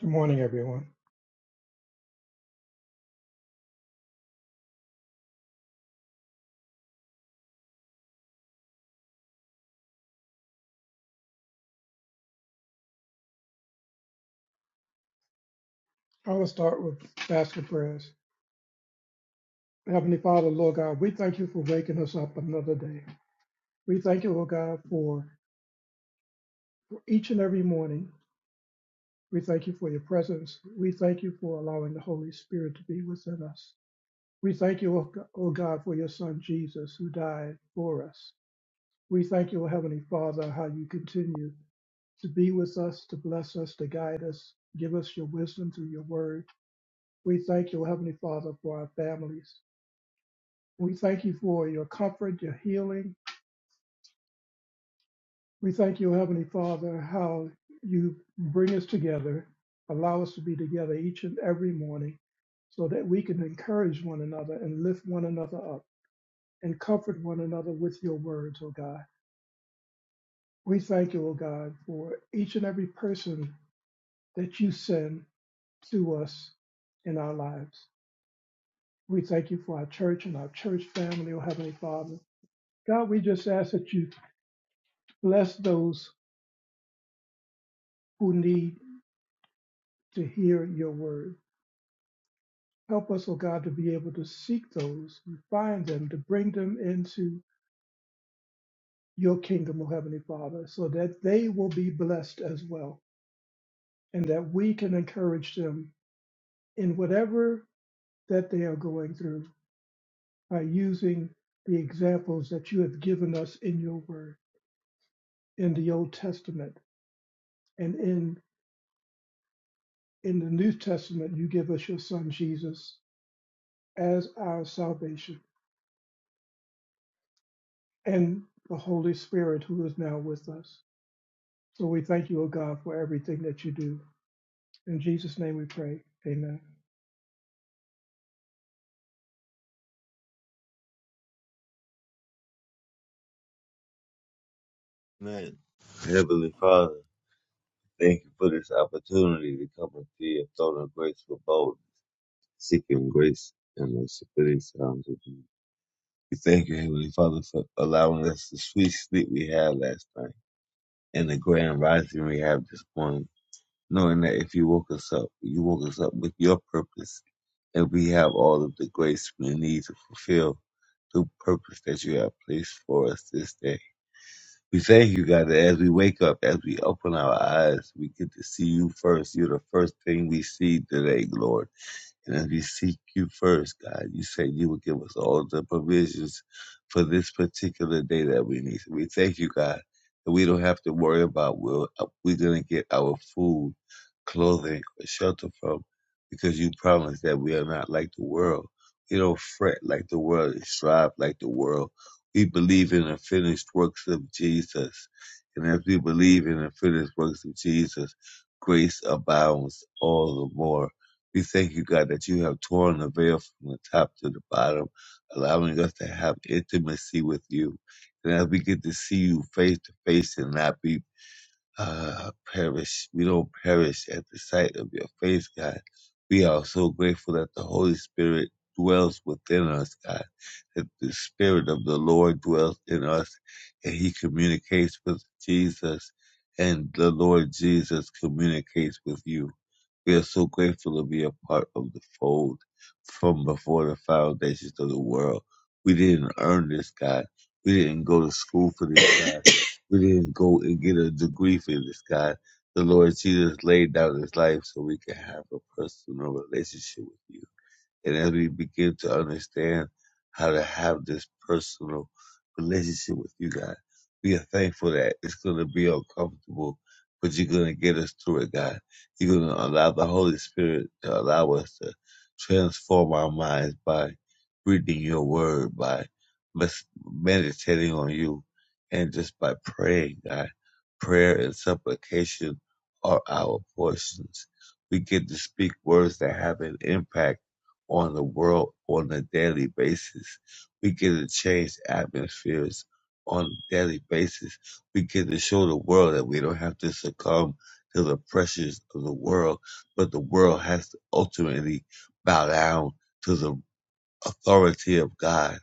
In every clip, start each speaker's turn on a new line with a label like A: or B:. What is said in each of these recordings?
A: Good morning, everyone. I will start with basket prayers. Heavenly Father, Lord God, we thank you for waking us up another day. We thank you, Lord God, for each and every morning. We thank you for your presence. We thank you for allowing the Holy Spirit to be within us. We thank you, O G- O God, for your Son Jesus who died for us. We thank you, O Heavenly Father, how you continue to be with us, to bless us, to guide us, give us your wisdom through your word. We thank you, O Heavenly Father, for our families. We thank you for your comfort, your healing. We thank you, Heavenly Father, how you bring us together, allow us to be together each and every morning so that we can encourage one another and lift one another up and comfort one another with your words, O God. We thank you, O God, for each and every person that you send to us in our lives. We thank you for our church and our church family, O Heavenly Father. God, we just ask that you bless those who need to hear your word. Help us, O God, to be able to seek those, to find them, to bring them into your kingdom, O Heavenly Father, so that they will be blessed as well, and that we can encourage them in whatever that they are going through by using the examples that you have given us in your word, in the Old Testament, and in in the New Testament, you give us your Son Jesus as our salvation and the Holy Spirit who is now with us. So we thank you, O God, for everything that you do. In Jesus' name we pray. Amen.
B: Amen. Heavenly Father, thank you for this opportunity to come and see your throne of grace for bold, seeking grace and mercy for these times of need. We thank you, Heavenly Father, for allowing us the sweet sleep we had last night and the grand rising we have this morning, knowing that if you woke us up, you woke us up with your purpose, and we have all of the grace we need to fulfill the purpose that you have placed for us this day. We thank you, God, that as we wake up, as we open our eyes, we get to see you first. You're the first thing we see today, Lord. And as we seek you first, God, you say you will give us all the provisions for this particular day that we need. So we thank you, God, that we don't have to worry about where we're going to get our food clothing, or shelter from, because you promise that we are not like the world. We don't fret like the world and strive like the world. We believe in the finished works of Jesus. And as we believe in the finished works of Jesus, grace abounds all the more. We thank you, God, that you have torn the veil from the top to the bottom, allowing us to have intimacy with you. And as we get to see you face to face and not be uh, perish. We don't perish at the sight of your face, God. We are so grateful that the Holy Spirit dwells within us, God, that the Spirit of the Lord dwells in us and He communicates with Jesus and the Lord Jesus communicates with you. We are so grateful to be a part of the fold from before the foundations of the world. We didn't earn this, God. We didn't go to school for this, God. We didn't go and get a degree from this guy. The Lord Jesus laid down his life so we can have a personal relationship with you. And as we begin to understand how to have this personal relationship with you, God, we are thankful that it's going to be uncomfortable, but you're going to get us through it, God. You're going to allow the Holy Spirit to allow us to transform our minds by reading your word, by mes- meditating on you, and just by praying, God. Prayer and supplication are our portions. We get to speak words that have an impact on the world on a daily basis. We get to change atmospheres on a daily basis. We get to show the world that we don't have to succumb to the pressures of the world, but the world has to ultimately bow down to the authority of God.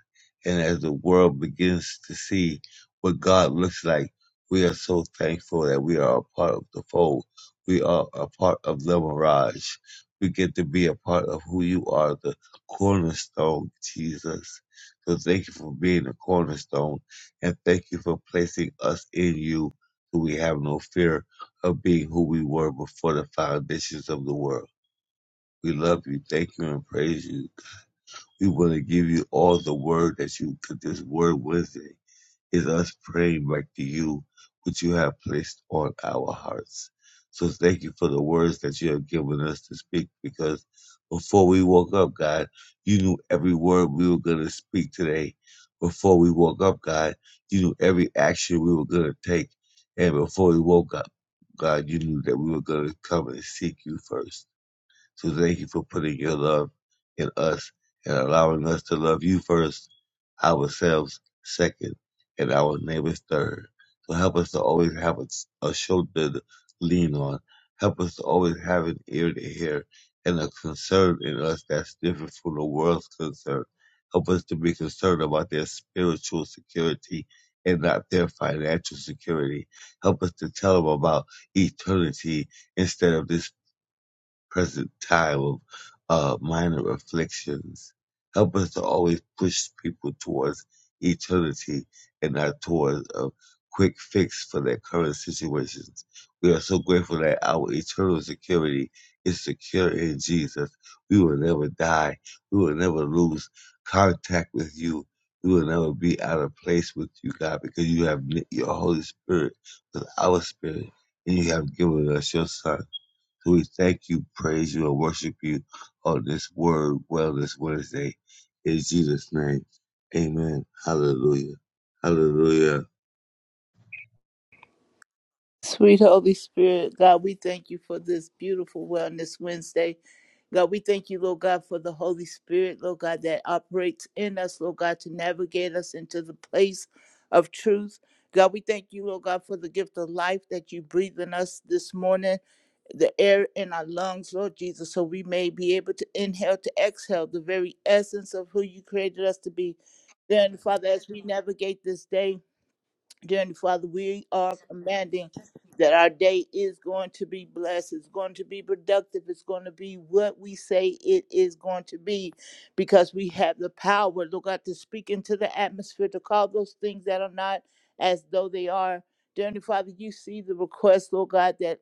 B: And as the world begins to see what God looks like, we are so thankful that we are a part of the fold. We are a part of the mirage. We get to be a part of who you are, the cornerstone, Jesus. So thank you for being the cornerstone and thank you for placing us in you so we have no fear of being who we were before the foundations of the world. We love you, thank you, and praise you. We want to give you all the word that you took this word with it is us praying back to you what you have placed on our hearts. So thank you for the words that you have given us to speak because before we woke up, God, you knew every word we were going to speak today. Before we woke up, God, you knew every action we were going to take. And before we woke up, God, you knew that we were going to come and seek you first. So thank you for putting your love in us and allowing us to love you first, ourselves second, and our neighbors third. So help us to always have a, a shoulder to lean on. Help us to always have an ear to hear and a concern in us that's different from the world's concern. Help us to be concerned about their spiritual security and not their financial security. Help us to tell them about eternity instead of this Present percentile of uh, minor afflictions. Help us to always push people towards eternity and not towards a quick fix for their current situations. We are so grateful that our eternal security is secure in Jesus. We will never die. We will never lose contact with you. We will never be out of place with you, God, because you have knit your Holy Spirit with our spirit and you have given us your Son. So we thank you, praise you, and worship you on this word wellness Wednesday. In Jesus' name. Amen. Hallelujah. Hallelujah.
C: Sweet Holy Spirit, God, we thank you for this beautiful Wellness Wednesday. God, we thank you, Lord God, for the Holy Spirit, Lord God, that operates in us, Lord God, to navigate us into the place of truth. God, we thank you, Lord God, for the gift of life that you breathe in us this morning, the air in our lungs, Lord Jesus, so we may be able to inhale, to exhale the very essence of who you created us to be. Then, Father, as we navigate this day, Dearly Father, we are commanding that our day is going to be blessed. It's going to be productive. It's going to be what we say it is going to be because we have the power, Lord God, to speak into the atmosphere, to call those things that are not as though they are. Dearly Father, you see the request, Lord God, that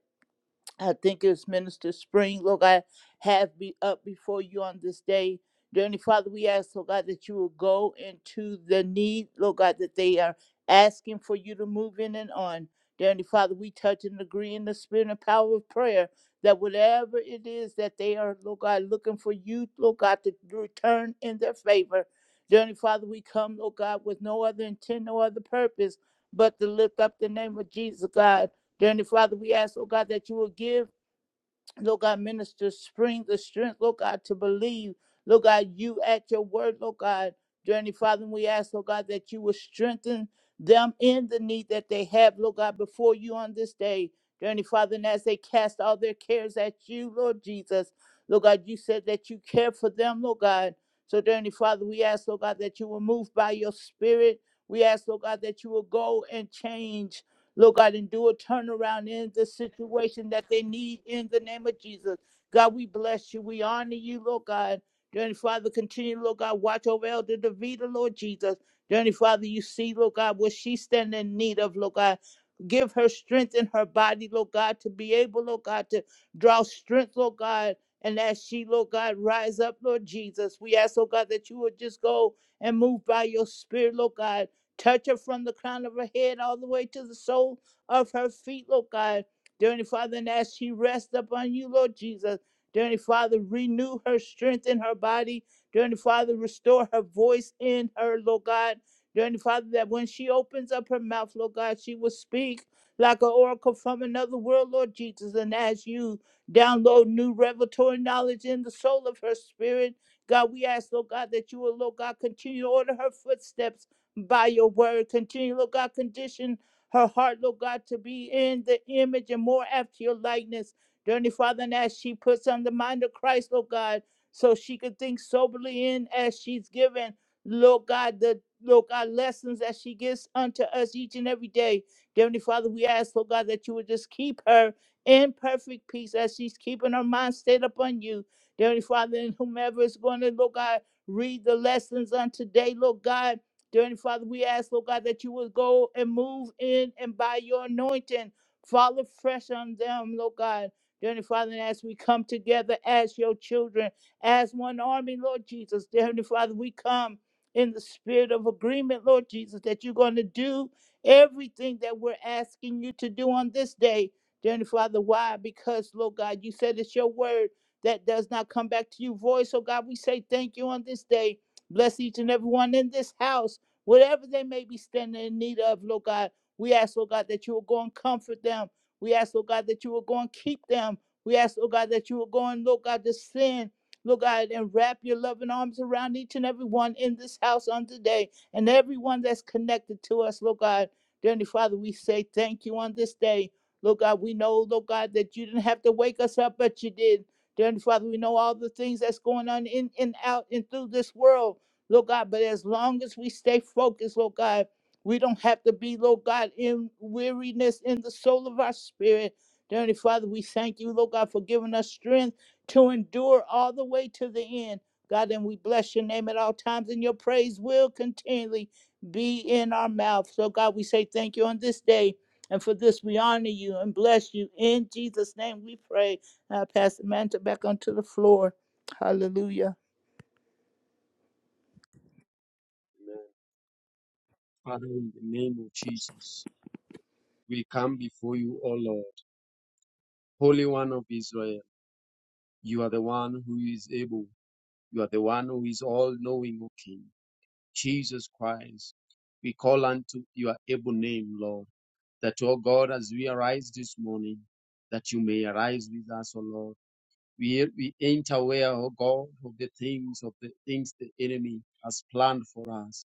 C: I think it's Minister Spring, Lord God, have be up before you on this day. Dearly Father, we ask, Lord God, that you will go into the need, Lord God, that they are asking for you to move in and on. Dearly Father, we touch and agree in the spirit and power of prayer that whatever it is that they are, Lord God, looking for you, Lord God, to return in their favor. Dearly Father, we come, Lord God, with no other intent, no other purpose but to lift up the name of Jesus, God. Dearly Father, we ask, oh God, that you will give, Lord God, minister spring the strength, Lord God, to believe, Lord God, you at your word, Lord God. Dearly Father, we ask, oh God, that you will strengthen them in the need that they have, Lord God, before you on this day. Dearly Father, and as they cast all their cares at you, Lord Jesus, Lord God, you said that you care for them, Lord God. So, Dearly Father, we ask, Lord God, that you will move by your spirit. We ask, Lord God, that you will go and change. Lord God, and do a turnaround in the situation that they need in the name of Jesus. God, we bless you. We honor you, Lord God. Dearly Father, continue, Lord God, watch over Elder Davida, Lord Jesus. Dearly Father, you see, Lord God, what she stand in need of, Lord God. Give her strength in her body, Lord God, to be able, Lord God, to draw strength, Lord God. And as she, Lord God, rise up, Lord Jesus, we ask, Lord God, that you would just go and move by your spirit, Lord God Touch her from the crown of her head all the way to the sole of her feet, Lord God. Dear Heavenly Father, and as she rests upon you, Lord Jesus, Dear Heavenly Father, renew her strength in her body. Dear Heavenly Father, restore her voice in her, Lord God. Dear Heavenly Father, that when she opens up her mouth, Lord God, she will speak like an oracle from another world, Lord Jesus. And as you download new revelatory knowledge in the soul of her spirit, God, we ask, Lord God, that you will, Lord God, continue to order her footsteps by your word. Continue, Lord God, condition her heart, Lord God, to be in the image and more after your likeness. Dear Heavenly Father, and as she puts on the mind of Christ, Lord God, so she could think soberly in as she's given, Lord God, the Lord God lessons that she gives unto us each and every day. Dear Heavenly Father, we ask, Lord God, that you would just keep her in perfect peace as she's keeping her mind stayed upon you. Dear Heavenly Father, and whomever is going to, Lord God, read the lessons on today, Lord God. Dear Heavenly Father, we ask, Lord God, that you would go and move in and by your anointing, fall fresh on them, Lord God. Dear Heavenly Father, and as we come together as your children, as one army, Lord Jesus, dear Heavenly Father, we come in the spirit of agreement, Lord Jesus, that you're going to do everything that we're asking you to do on this day. Dear Heavenly Father, why? Because, Lord God, you said it's your word that does not come back to you void. So, God, we say thank you on this day. Bless each and every one in this house. Whatever they may be standing in need of, Lord God, we ask, Lord God, that you will go and comfort them. We ask, Lord God, that you will go and keep them. We ask, Lord God, that you will go and, Lord God, descend, Lord God, and wrap your loving arms around each and every one in this house on today and everyone that's connected to us, Lord God. Dear Heavenly Father, we say thank you on this day. Lord God, we know, Lord God, that you didn't have to wake us up, but you did. Dear Heavenly Father, we know all the things that's going on in and out and through this world. Lord God. But as long as we stay focused, Lord God, we don't have to be, Lord God, in weariness in the soul of our spirit. Dear Heavenly Father, we thank you, Lord God, for giving us strength to endure all the way to the end. God, and we bless your name at all times, and your praise will continually be in our mouth. So, God, we say thank you on this day. And for this, we honor you and bless you. In Jesus' name we pray. And I pass the mantle back onto the floor. Hallelujah.
D: Father, in the name of Jesus, we come before you, O Lord, Holy One of Israel. You are the one who is able. You are the one who is all knowing, O King. Jesus Christ, we call unto your able name, Lord, that, O God, as we arise this morning, that you may arise with us, O Lord. We, we ain't aware, oh God, of the things of the things the enemy has planned for us.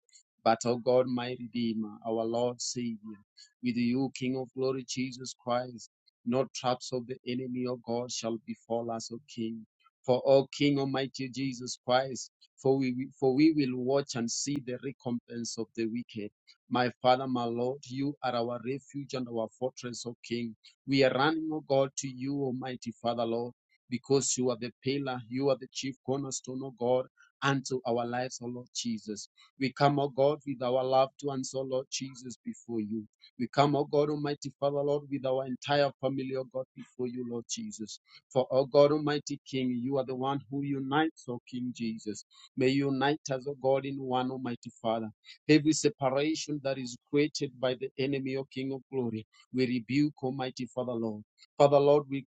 D: But, oh God, my Redeemer, our Lord Savior, with you, King of Glory, Jesus Christ, no traps of the enemy, O God, shall befall us, O King. For, O King Almighty Jesus Christ, for we, for we will watch and see the recompense of the wicked. My Father, my Lord, you are our refuge and our fortress, O King. We are running, O God, to you, Almighty Father, Lord because you are the pillar, you are the chief cornerstone, O God, unto our lives, O Lord Jesus. We come, O God, with our loved ones, O Lord Jesus, before you. We come, O God, Almighty Father, Lord, with our entire family, O God, before you, Lord Jesus. For, O God, Almighty King, you are the one who unites, O King Jesus. May you unite us, O God, in one, Almighty Father. Every separation that is created by the enemy, O King of glory, we rebuke, Almighty Father, Lord. Father, Lord, we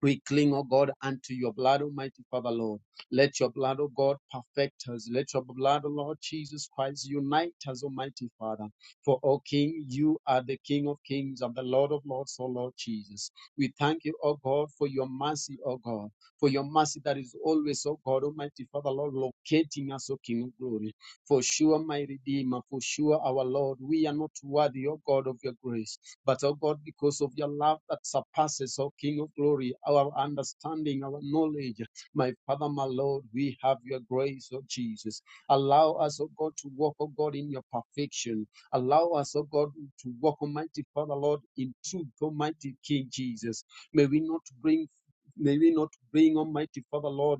D: we cling, O God, unto your blood, Almighty Father, Lord. Let your blood, O God, perfect us. Let your blood, O Lord Jesus Christ, unite us, Almighty Father. For, O King, you are the King of kings and the Lord of lords, O Lord Jesus. We thank you, O God, for your mercy, O God, for your mercy that is always, O God, Almighty Father, Lord, locating us, O King of glory. For sure, my Redeemer, for sure, our Lord, we are not worthy, O God, of your grace. But, oh God, because of your love that surpasses, oh King of glory, our understanding, our knowledge, my Father, my Lord, we have your grace, oh Jesus. Allow us, oh God, to walk, oh God, in your perfection. Allow us, oh God, to walk, Almighty Father, Lord, in truth, Almighty King Jesus. May we not bring May we not bring, Almighty Father, Lord,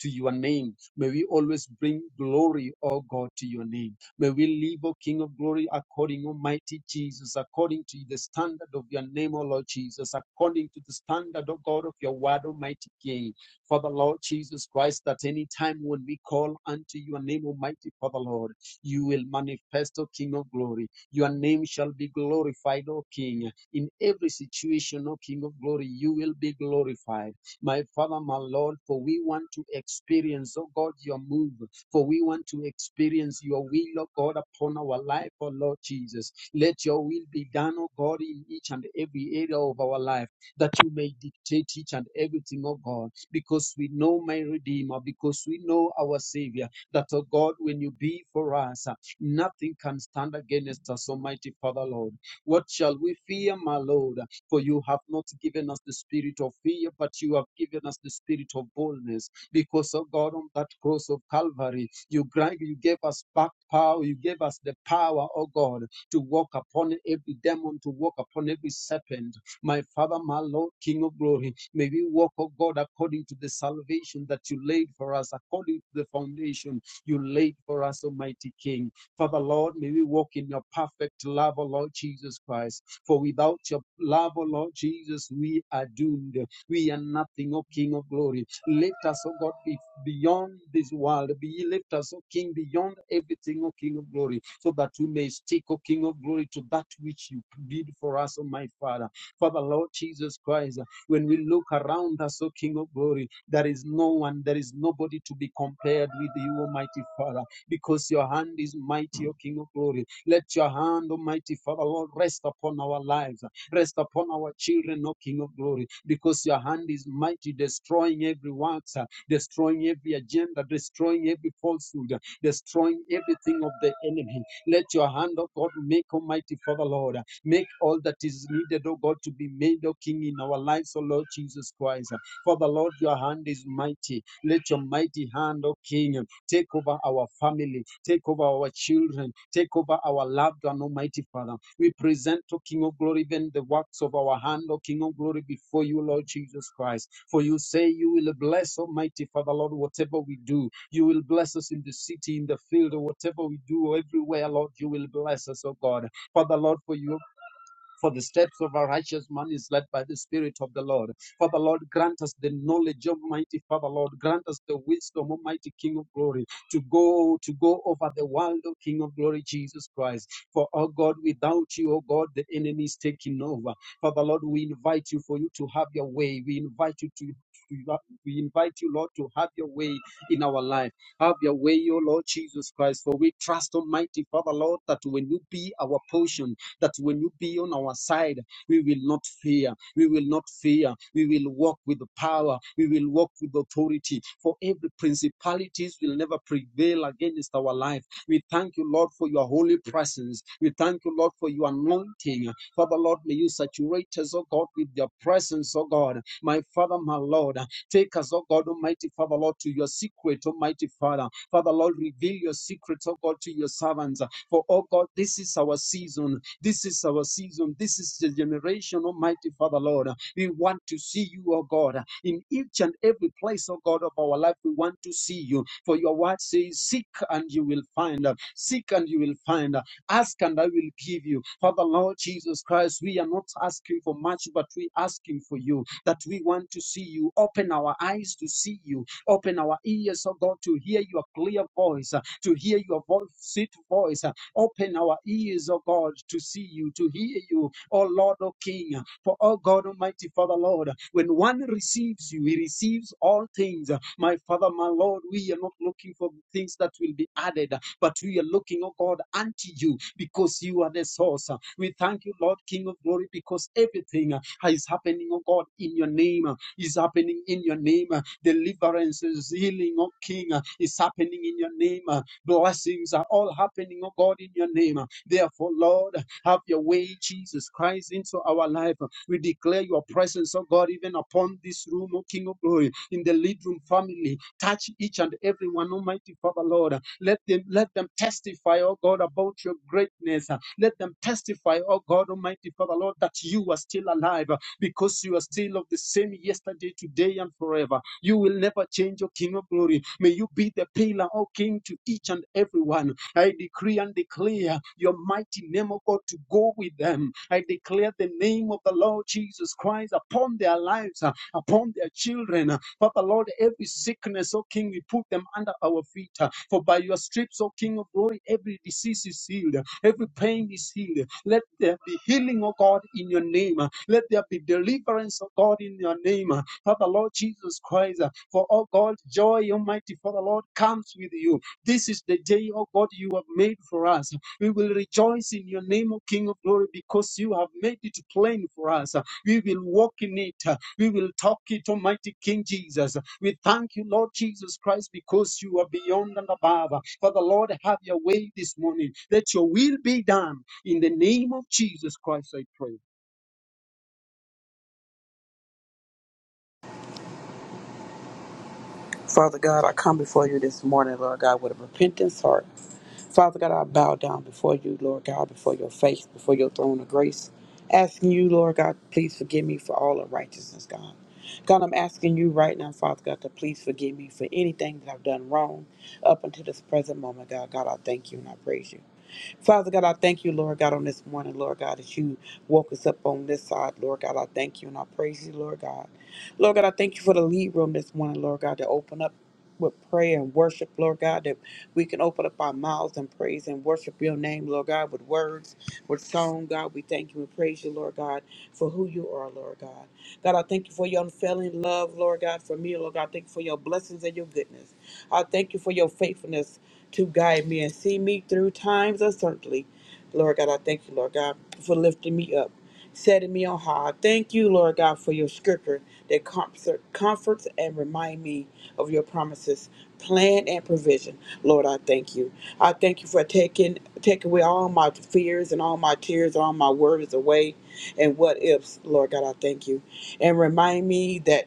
D: to your name. May we always bring glory, O God, to your name. May we live, O King of glory, according, Almighty Jesus, according to the standard of your name, O Lord Jesus, according to the standard, O God, of your word, Almighty King. Father, Lord Jesus Christ, that any time when we call unto your name, Almighty Father, Lord, you will manifest, O King of glory. Your name shall be glorified, O King. In every situation, O King of glory, you will be glorified my Father, my Lord, for we want to experience, oh God, your move, for we want to experience your will, oh God, upon our life, oh Lord Jesus. Let your will be done, oh God, in each and every area of our life, that you may dictate each and everything, oh God, because we know my Redeemer, because we know our Savior, that, oh God, when you be for us, uh, nothing can stand against us, Almighty Father, Lord. What shall we fear, my Lord? For you have not given us the spirit of fear, but you have given us the spirit of boldness. Because, oh God, on that cross of Calvary, you, you gave us back power. You gave us the power, oh God, to walk upon every demon, to walk upon every serpent. My Father, my Lord, King of glory, may we walk, oh God, according to the salvation that you laid for us, according to the foundation you laid for us, Almighty King. Father, Lord, may we walk in your perfect love, O Lord Jesus Christ. For without your love, O Lord Jesus, we are doomed. We are nothing, O King of glory. Lift us, O God, be beyond this world. Be lift us, O King, beyond everything, O King of glory, so that we may stick, O King of glory, to that which you did for us, O my Father. Father, Lord Jesus Christ, when we look around us, O King of glory, there is no one, there is nobody to be compared with you, Almighty Father, because your hand is mighty, O King of glory let your hand, Almighty Father, Lord, rest upon our lives, rest upon our children, O King of Glory, because your hand is mighty, destroying every works, uh, destroying every agenda, destroying every falsehood, uh, destroying everything of the enemy. Let your hand, O God, make Almighty Father, Lord, uh, make all that is needed, O God, to be made, O King, in our lives, O Lord Jesus Christ. For the Lord, your hand is mighty. Let your mighty hand, O King, Take over our family. Take over our children. Take over our loved one, Almighty Father. We present, O King of Glory, even the works of our hand, O King of Glory, before you, Lord Jesus Christ. For you say you will bless, Almighty Father, Lord, whatever we do. You will bless us in the city, in the field, or whatever we do, or everywhere, Lord, you will bless us, O God. Father, Lord, for you for the steps of a righteous man is led by the Spirit of the Lord. Father Lord, grant us the knowledge, Almighty Father Lord. Grant us the wisdom, Almighty King of Glory, to go to go over the world, O King of Glory, Jesus Christ. For oh God, without you, oh God, the enemy is taking over. Father Lord, we invite you for you to have your way. We invite you to. to- We invite you, Lord, to have your way in our life. Have your way, O Lord Jesus Christ. For we trust, Almighty Father, Lord, that when you be our portion, that when you be on our side, we will not fear. We will not fear. We will walk with the power. We will walk with authority. For every principalities will never prevail against our life. We thank you, Lord, for your holy presence. We thank you, Lord, for your anointing. Father, Lord, may you saturate us, oh God, with your presence, oh God. My Father, my Lord, take us, oh God, Almighty Father, Lord, to your secret, Almighty Father. Father, Lord, reveal your secrets, oh God, to your servants. For, oh God, this is our season. This is our season. This is the generation, Almighty Father, Lord. We want to see you, oh God, in each and every place, oh God, of our life. We want to see you. For your word says, Seek and you will find. Seek and you will find. Ask and I will give you. Father, Lord Jesus Christ, we are not asking for much, but we are asking for you that we want to see you. Open our eyes to see you. Open our ears, oh God, to hear your clear voice, uh, to hear your voice, sweet voice. Open our ears, O God, to see you, to hear you, O Lord, O King. For O God Almighty, Father Lord, when one receives you, he receives all things. My Father, my Lord, we are not looking for things that will be added, but we are looking, O God, unto you because you are the source. We thank you, Lord, King of glory, because everything is happening, O God, in your name, is happening in your name. Deliverances, healing, O King, is happening in your name. Blessings are all miracle happening, oh God, in your name. Therefore, Lord, have your way, Jesus Christ, into our life. We declare your presence, oh God, even upon this room, oh King of glory, in the lead room family. Touch each and every one, Almighty Father, Lord. Let them let them testify, oh God, about your greatness. Let them testify, oh God, Almighty Father, Lord, that you are still alive because you are still of the same yesterday, today, and forever. You will never change, O King of glory. May you be the pillar, O King, to each and everyone. I decree and declare your mighty name, of God, to go with them. I declare the name of the Lord Jesus Christ upon their lives, uh, upon their children. Father, Lord, every sickness, O King, we put them under our feet. uh, For by your stripes, O King of glory, every disease is healed, every pain is healed. Let there be healing, O God, in your name. Let there be deliverance, O God, in your name. Father, Lord Jesus Christ, uh, for, O God, joy, Almighty Father, Lord, comes with you. This is the day, O God, you have made for us. We will rejoice in your name, O King of glory, because you have made it plain for us. We will walk in it. We will talk it, Almighty King Jesus. We thank you, Lord Jesus Christ, because you are beyond and above. Father, Lord, have your way this morning. Let your will be done. In the name of Jesus Christ, I pray.
E: Father God, I come before you this morning, Lord God, with a repentance heart. Father God, I bow down before you, Lord God, before your face, before your throne of grace, asking you, Lord God, please forgive me for all unrighteousness, God. God, I'm asking you right now, Father God, to please forgive me for anything that I've done wrong up until this present moment, God. God, I thank you and I praise you. Father God, I thank you, Lord God, on this morning, Lord God, that you woke us up on this side, Lord God. I thank you and I praise you, Lord God. Lord God, I thank you for the lead room this morning, Lord God, to open up with prayer and worship, Lord God, that we can open up our mouths and praise and worship your name, Lord God, with words, with song, God. We thank you and praise you, Lord God, for who you are, Lord God. God, I thank you for your unfailing love, Lord God, for me, Lord God. I thank you for your blessings and your goodness. I thank you for your faithfulness to guide me and see me through times of certainty. Lord God, I thank you, Lord God, for lifting me up, setting me on high. I Thank you, Lord God, for your scripture that comfort, comforts and remind me of your promises, plan and provision. Lord, I thank you. I thank you for taking take away all my fears and all my tears, all my worries away and what ifs. Lord God, I thank you. And remind me that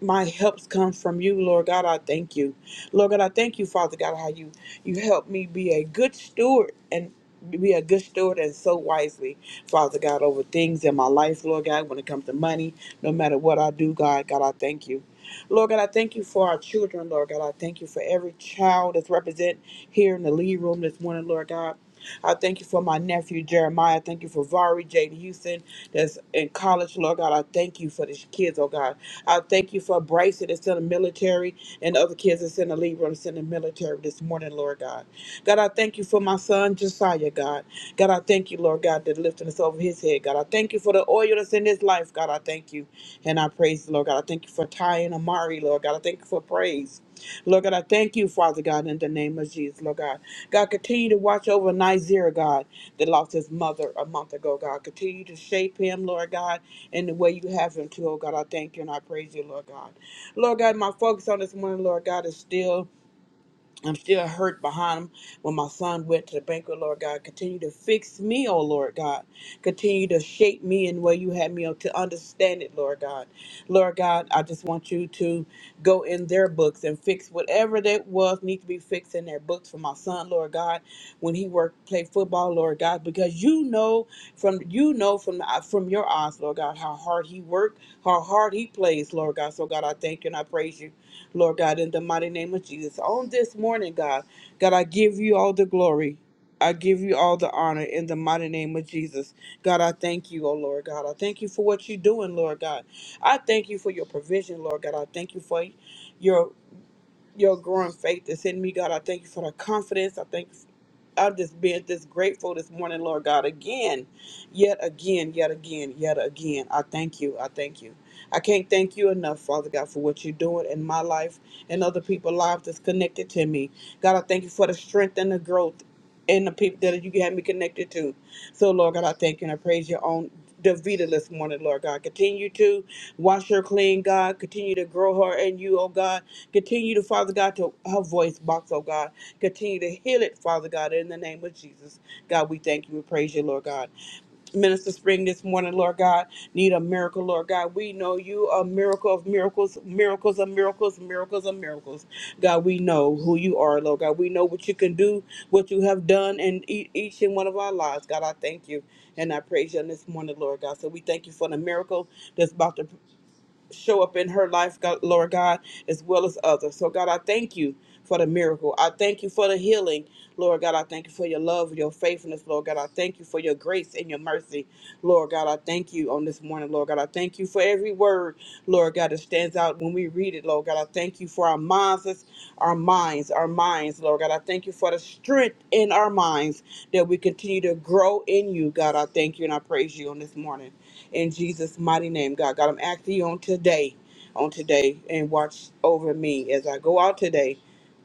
E: my helps come from you, Lord God. I thank you, Lord God. I thank you, Father God, how you you help me be a good steward and be a good steward and so wisely, Father God, over things in my life, Lord God. When it comes to money, no matter what I do, God, God, I thank you. Lord God, I thank you for our children, Lord God. I thank you for every child that's represented here in the lead room this morning, Lord God. I thank you for my nephew Jeremiah. Thank you for Vari Jaden Houston that's in college, Lord God. I thank you for these kids, oh God. I thank you for Bryce that's in the military and the other kids that's in the Libra that's in the military this morning, Lord God. God, I thank you for my son Josiah, God. God, I thank you, Lord God, that lifting us over his head. God, I thank you for the oil that's in his life. God, I thank you. And I praise the Lord God. I thank you for Ty and Amari, Lord God. I thank you for praise. Lord God, I thank you, Father God, in the name of Jesus, Lord God. God, continue to watch over Nizer, God, that lost his mother a month ago, God. Continue to shape him, Lord God in the way you have him to, oh God. I thank you and I praise you, Lord God. Lord God, my focus on this morning, Lord God, is still. I'm still hurt behind him when my son went to the banquet, Lord God. Continue to fix me, oh Lord God. Continue to shape me in the way you had me oh, to understand it, Lord God. Lord God, I just want you to go in their books and fix whatever that was need to be fixed in their books for my son, Lord God, when he worked played football, Lord God, because you know from you know from the, from your eyes, Lord God, how hard he worked, how hard he plays, Lord God. So God, I thank you and I praise you Lord God, in the mighty name of Jesus. On this morning, God, God, I give you all the glory. I give you all the honor in the mighty name of Jesus. God, I thank you, oh Lord God. I thank you for what you're doing, Lord God. I thank you for your provision, Lord God. I thank you for your your growing faith that's in me, God. I thank you for the confidence. I thank you. I'm just being just grateful this morning, Lord God. Again, yet again, yet again, yet again. I thank you. I thank you. I can't thank you enough, Father God, for what you're doing in my life and other people's lives that's connected to me. God, I thank you for the strength and the growth in the people that you have me connected to. So, Lord God, I thank you and I praise you on Davita this morning, Lord God. Continue to wash her clean, God. Continue to grow her in you, oh God. Continue to, Father God, to her voice box, oh God. Continue to heal it, Father God, in the name of Jesus. God, we thank you. We praise you, Lord God. Minister Spring this morning, Lord God, need a miracle, Lord God. We know you are a miracle of miracles, miracles of miracles, miracles of miracles. God, we know who you are, Lord God. We know what you can do, what you have done in e- each and one of our lives. God, I thank you and I praise you on this morning, Lord God. So we thank you for the miracle that's about to show up in her life, God, Lord God, as well as others. So, God, I thank you for the miracle. I thank you for the healing, Lord God. I thank you for your love, your faithfulness, Lord God. I thank you for your grace and your mercy, Lord God. I thank you on this morning, Lord God. I thank you for every word, Lord God, that stands out when we read it, Lord God. I thank you for our minds, our minds, our minds, Lord God. I thank you for the strength in our minds that we continue to grow in you, God. I thank you and I praise you on this morning in Jesus' mighty name, God. God, I'm asking you on today, on today, and watch over me as I go out today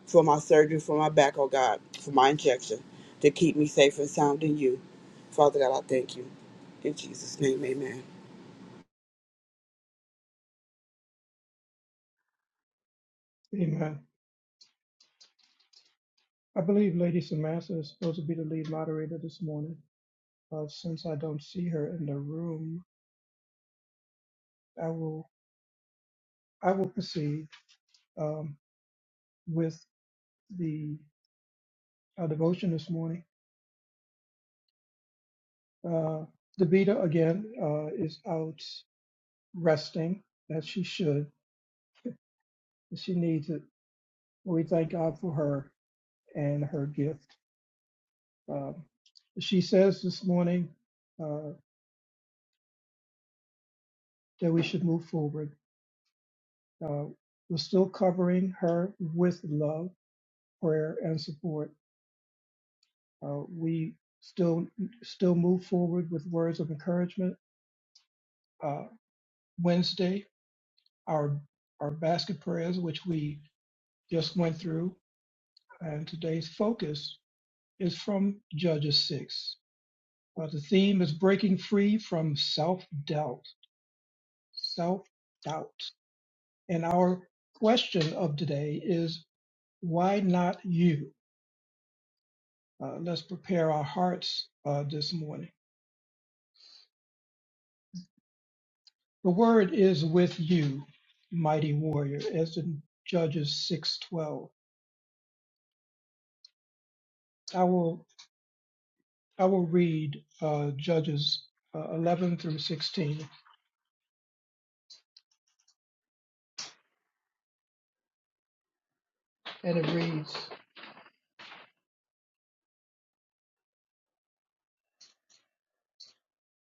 E: for my surgery, for my back, oh God, for my injection, to keep me safe and sound in you. Father God, I thank you. In Jesus' name, amen.
A: Amen. I believe Lady Samantha is supposed to be the lead moderator this morning. Uh, since I don't see her in the room, I will I will proceed um, with the uh, devotion this morning. Uh, the Vita again uh, is out resting as she should. She needs it. We thank God for her and her gift. Um, she says this morning. Uh, that we should move forward. Uh, we're still covering her with love, prayer, and support. Uh, we still still move forward with words of encouragement. Uh, Wednesday, our our basket prayers, which we just went through, and today's focus is from Judges six. Uh, the theme is breaking free from self doubt. Self doubt, and our question of today is why not you? Uh, let's prepare our hearts uh, this morning. The word is with you, mighty warrior, as in Judges 6:12. I will I will read uh, Judges uh, 11 through 16, and it reads,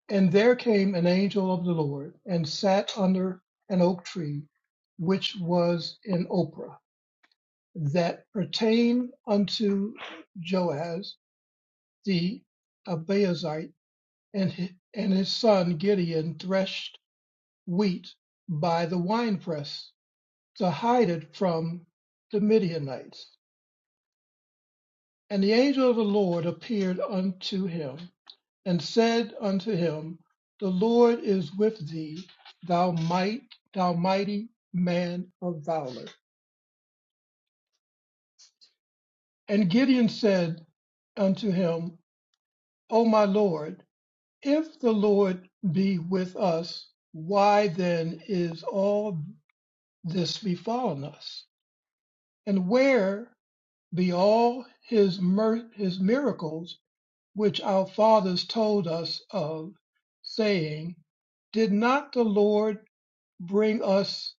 A: "And there came an angel of the Lord and sat under an oak tree, which was in Oprah, that pertained unto Joaz the Abiezrite, and hi- and his son Gideon threshed." wheat by the winepress to hide it from the Midianites. And the angel of the Lord appeared unto him and said unto him, The Lord is with thee, thou might, thou mighty man of valor. And Gideon said unto him, O my Lord, if the Lord be with us, why then is all this befallen us? And where be all his, mir- his miracles which our fathers told us of, saying, Did not the Lord bring us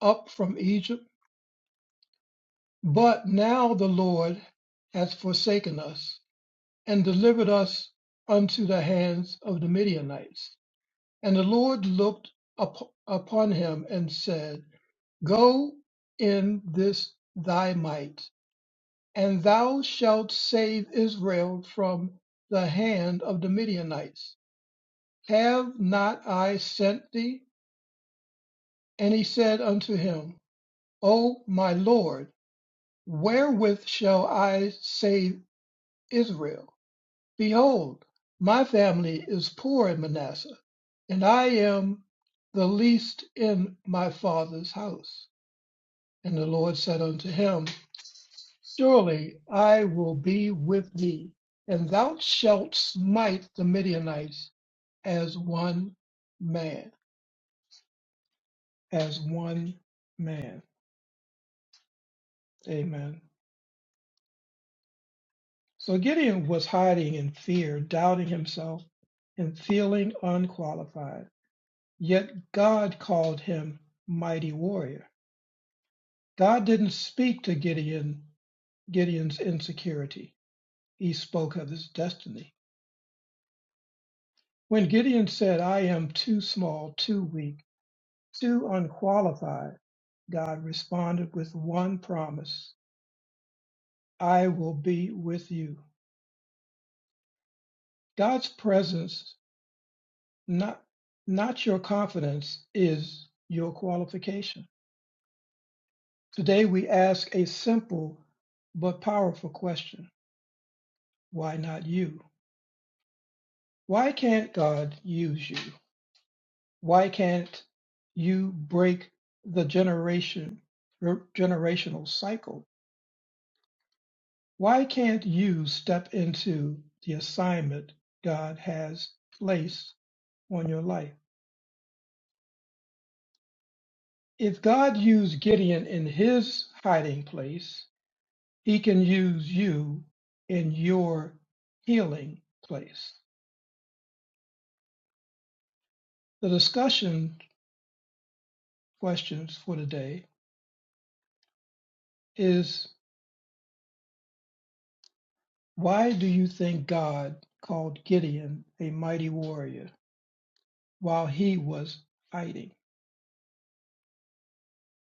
A: up from Egypt? But now the Lord has forsaken us and delivered us unto the hands of the Midianites. And the Lord looked up upon him and said, Go in this thy might, and thou shalt save Israel from the hand of the Midianites. Have not I sent thee? And he said unto him, O my Lord, wherewith shall I save Israel? Behold, my family is poor in Manasseh, and I am the least in my father's house. And the Lord said unto him, Surely I will be with thee, and thou shalt smite the Midianites as one man. As one man. Amen. So Gideon was hiding in fear, doubting himself, and feeling unqualified. Yet God called him mighty warrior. God didn't speak to Gideon Gideon's insecurity. He spoke of his destiny. When Gideon said, I am too small, too weak to unqualified, God responded with one promise I will be with you. God's presence, not, not your confidence, is your qualification. Today we ask a simple but powerful question Why not you? Why can't God use you? Why can't you break the generation, generational cycle Why can't you step into the assignment God has placed on your life? If God used Gideon in his hiding place, he can use you in your healing place. The discussion questions for today is why do you think God called Gideon a mighty warrior while he was hiding?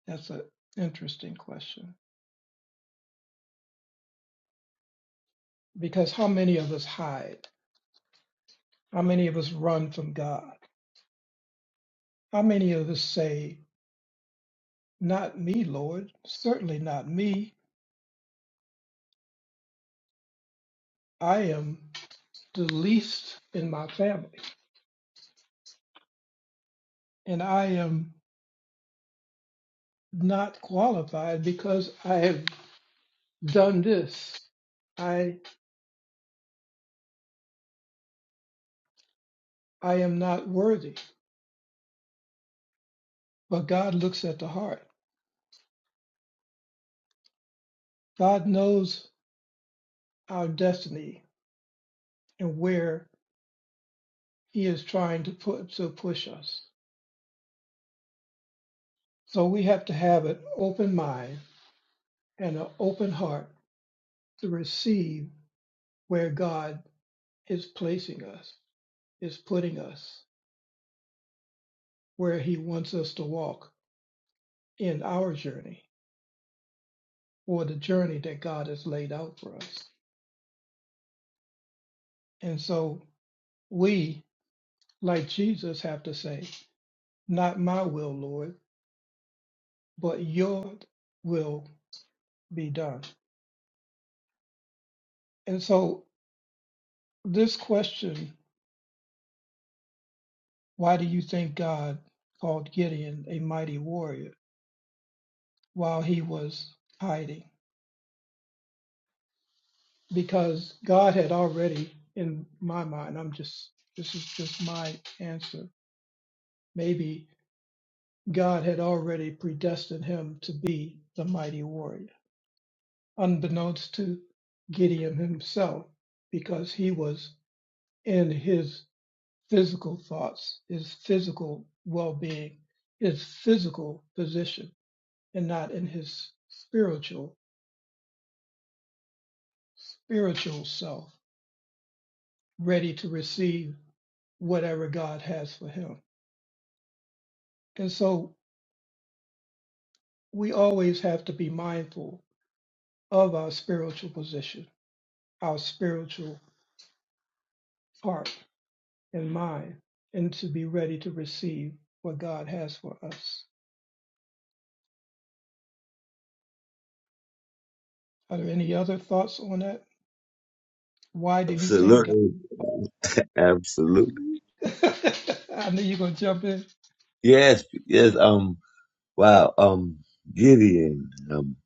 A: That's an interesting question because how many of us hide? How many of us run from God? How many of us say, Not me, Lord, certainly not me. I am the least in my family, and I am not qualified because I have done this. I I am not worthy. But God looks at the heart. God knows our destiny and where He is trying to put to push us. So we have to have an open mind and an open heart to receive where God is placing us, is putting us, where He wants us to walk in our journey or the journey that God has laid out for us. And so we, like Jesus, have to say, Not my will, Lord, but your will be done. And so this question, why do you think God called Gideon a mighty warrior while he was hiding? because God had already, in my mind, I'm just, this is just my answer. Maybe God had already predestined him to be the mighty warrior, unbeknownst to Gideon himself, because he was in his physical thoughts, his physical well being, his physical position, and not in his spiritual, spiritual self, ready to receive whatever God has for him. And so we always have to be mindful of our spiritual position, our spiritual heart and mind, and to be ready to receive what God has for us. Are there any other thoughts on that? Why do you think
B: Absolutely.
A: God?
B: Absolutely.
A: I knew you're gonna jump in.
B: Yes, yes, um wow, um Gideon, um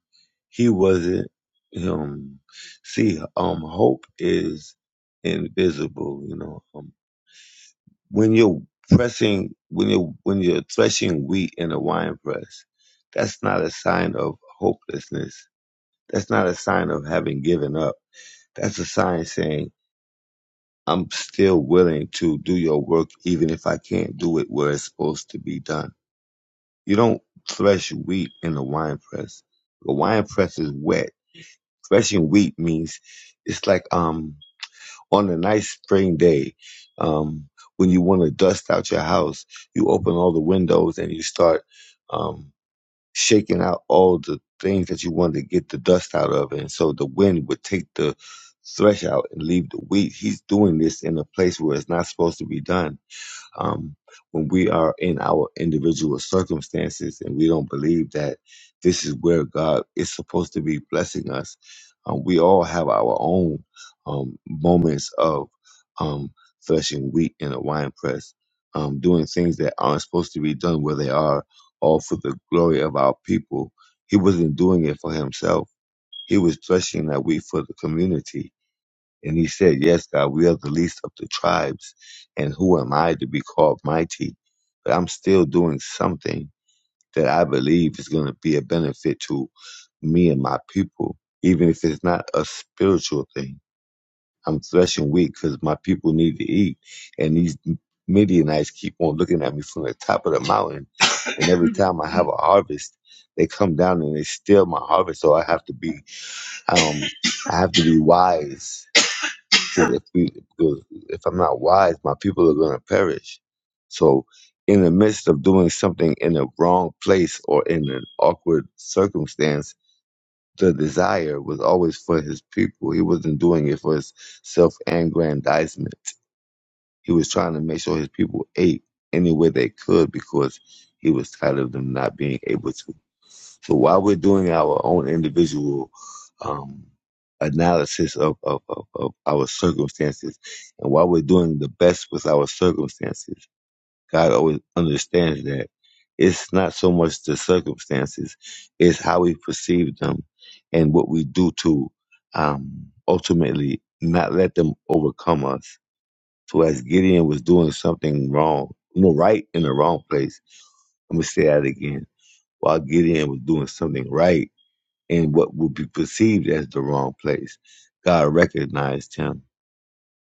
B: he wasn't um see, um hope is invisible, you know. Um. when you're pressing when you're when you're threshing wheat in a wine press that's not a sign of hopelessness that's not a sign of having given up that's a sign saying i'm still willing to do your work even if i can't do it where it's supposed to be done you don't thresh wheat in a wine press the wine press is wet threshing wheat means it's like um on a nice spring day, um, when you want to dust out your house, you open all the windows and you start um, shaking out all the things that you want to get the dust out of. And so the wind would take the thresh out and leave the wheat. He's doing this in a place where it's not supposed to be done um, when we are in our individual circumstances and we don't believe that this is where God is supposed to be blessing us. Um, we all have our own um, moments of um, threshing wheat in a wine press, um, doing things that aren't supposed to be done where they are, all for the glory of our people. He wasn't doing it for himself. He was threshing that wheat for the community and he said, Yes, God, we are the least of the tribes. And who am I to be called mighty? But I'm still doing something that I believe is going to be a benefit to me and my people, even if it's not a spiritual thing. I'm threshing wheat because my people need to eat. And these Midianites keep on looking at me from the top of the mountain. And every time I have a harvest, they come down and they steal my harvest. So I have to be, um, I have to be wise because if we, because if I'm not wise, my people are going to perish. So, in the midst of doing something in the wrong place or in an awkward circumstance, the desire was always for his people. He wasn't doing it for his self aggrandizement. He was trying to make sure his people ate any way they could because he was tired of them not being able to. So while we're doing our own individual um, analysis of, of, of, of our circumstances, and while we're doing the best with our circumstances, God always understands that it's not so much the circumstances, it's how we perceive them and what we do to um, ultimately not let them overcome us. So as Gideon was doing something wrong, you know, right in the wrong place, I'm gonna say that again. While Gideon was doing something right in what would be perceived as the wrong place. God recognized him.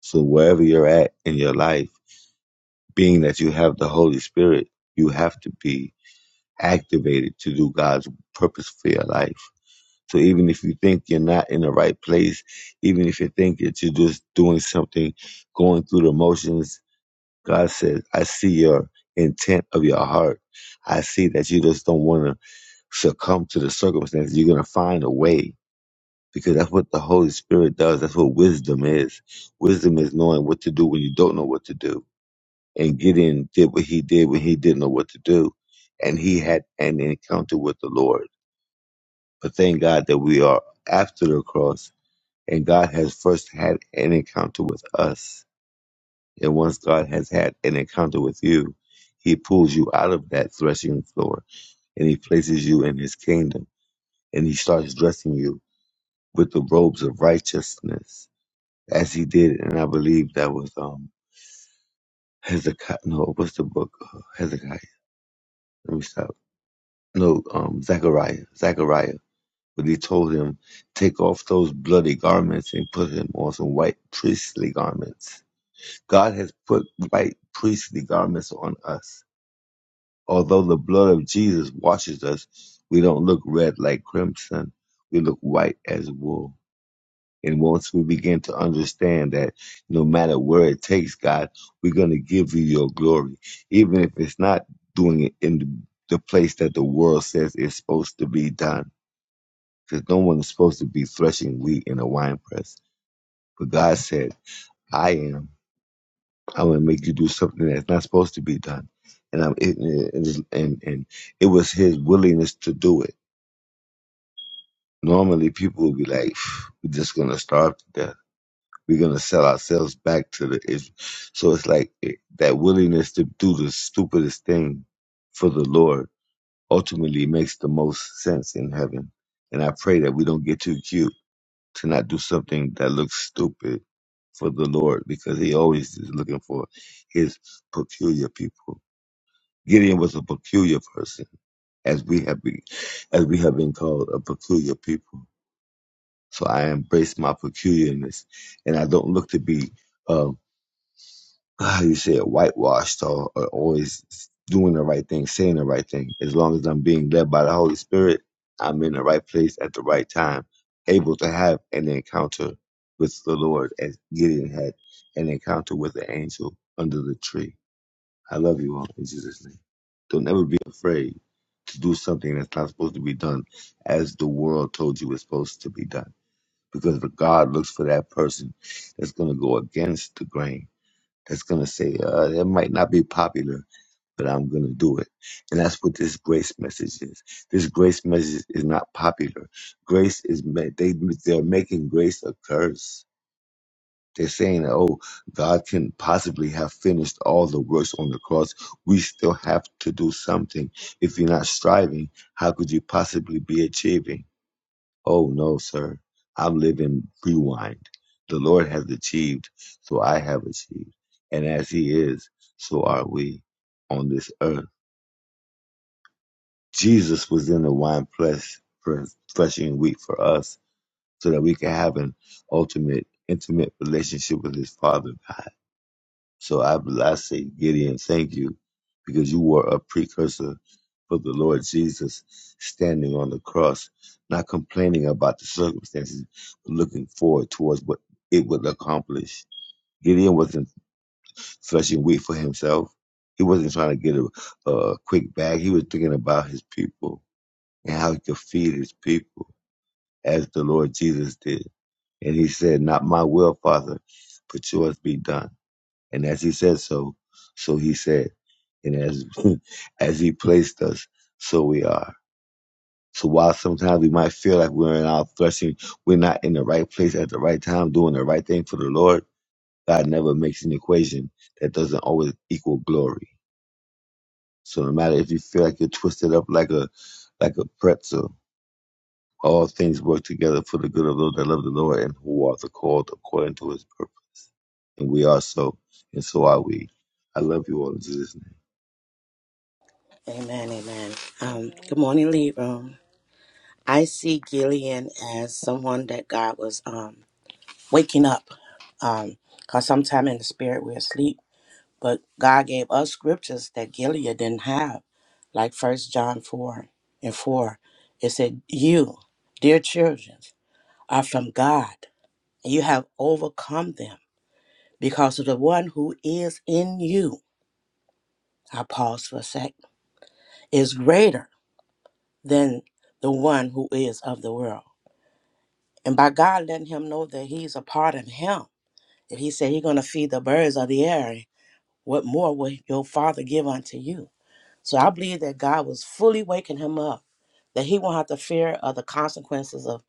B: So wherever you're at in your life, being that you have the Holy Spirit, you have to be activated to do God's purpose for your life. So even if you think you're not in the right place, even if you think that you're just doing something, going through the motions, God says, I see your intent of your heart. I see that you just don't want to succumb to the circumstances. You're going to find a way because that's what the Holy Spirit does. That's what wisdom is. Wisdom is knowing what to do when you don't know what to do. And Gideon did what he did when he didn't know what to do. And he had an encounter with the Lord. But thank God that we are after the cross and God has first had an encounter with us. And once God has had an encounter with you, he pulls you out of that threshing floor and he places you in his kingdom and he starts dressing you with the robes of righteousness as he did, and I believe that was um Hezekiah. No, what's the book? Uh, Hezekiah. Let me stop. No, um Zechariah. Zechariah. But he told him, take off those bloody garments and put him on some white priestly garments. God has put white priestly garments on us. Although the blood of Jesus washes us, we don't look red like crimson. We look white as wool. And once we begin to understand that no matter where it takes, God, we're going to give you your glory, even if it's not doing it in the the place that the world says it's supposed to be done. Because no one is supposed to be threshing wheat in a wine press. But God said, I am. I'm going to make you do something that's not supposed to be done. And I'm it, and, and and it was his willingness to do it. Normally, people would be like, "Phew, we're just going to starve to death We're gonna sell ourselves back to the. Is- so it's like it, that willingness to do the stupidest thing for the Lord ultimately makes the most sense in heaven. And I pray that we don't get too cute to not do something that looks stupid for the Lord, because He always is looking for His peculiar people. Gideon was a peculiar person, as we have been, as we have been called a peculiar people. So I embrace my peculiarness, and I don't look to be. uh, how you say it, whitewashed or, or always doing the right thing, saying the right thing. As long as I'm being led by the Holy Spirit, I'm in the right place at the right time, able to have an encounter with the Lord as Gideon had an encounter with the angel under the tree. I love you all in Jesus' name. Don't ever be afraid to do something that's not supposed to be done as the world told you it's supposed to be done. Because God looks for that person that's going to go against the grain that's going to say, uh, it might not be popular, but I'm going to do it. And that's what this grace message is. This grace message is not popular. Grace is, ma- they, they're making grace a curse. They're saying, oh, God can possibly have finished all the works on the cross. We still have to do something. If you're not striving, how could you possibly be achieving? Oh, no, sir. I'm living rewind. The Lord has achieved, so I have achieved. And as He is, so are we on this earth. Jesus was in the wine press for threshing wheat for us so that we can have an ultimate, intimate relationship with His Father, God. So I, I say, Gideon, thank you because you were a precursor for the Lord Jesus standing on the cross, not complaining about the circumstances, but looking forward towards what it would accomplish. Gideon wasn't threshing wheat for himself. He wasn't trying to get a, a quick bag. He was thinking about his people and how he could feed his people as the Lord Jesus did. And he said, not my will, Father, but yours be done. And as he said so, so he said and as as he placed us, so we are. So while sometimes we might feel like we're in our threshing, we're not in the right place at the right time, doing the right thing for the Lord. God never makes an equation that doesn't always equal glory. So no matter if you feel like you're twisted up like a like a pretzel, all things work together for the good of those that love the Lord and who are the called according to His purpose. And we are so, and so are we. I love you all in Jesus'
F: Amen, amen. Um, good
G: Amen.
F: morning, Lead Room. I see Gillian as someone that God was um, waking up. Um, Cause sometimes in the spirit we're asleep, but God gave us scriptures that Gilead didn't have, like First John four and four. It said, "You, dear children, are from God, and you have overcome them, because of the one who is in you." I pause for a sec. Is greater than the one who is of the world. And by God letting him know that he's a part of him, if he said he's going to feed the birds of the air, what more will your father give unto you? So I believe that God was fully waking him up, that he won't have to fear of the consequences of,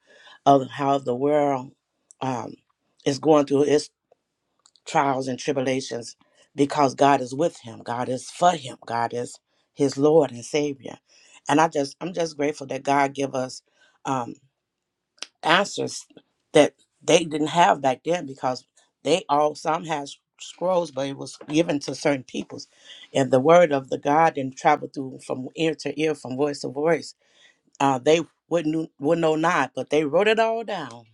F: of how the world um, is going through its trials and tribulations because God is with him. God is for him. God is his Lord and Savior. And I just, I'm just grateful that God give us um, answers that they didn't have back then because they all some had s- scrolls but it was given to certain peoples and the word of the god didn't travel through from ear to ear from voice to voice uh they wouldn't knew- would know not but they wrote it all down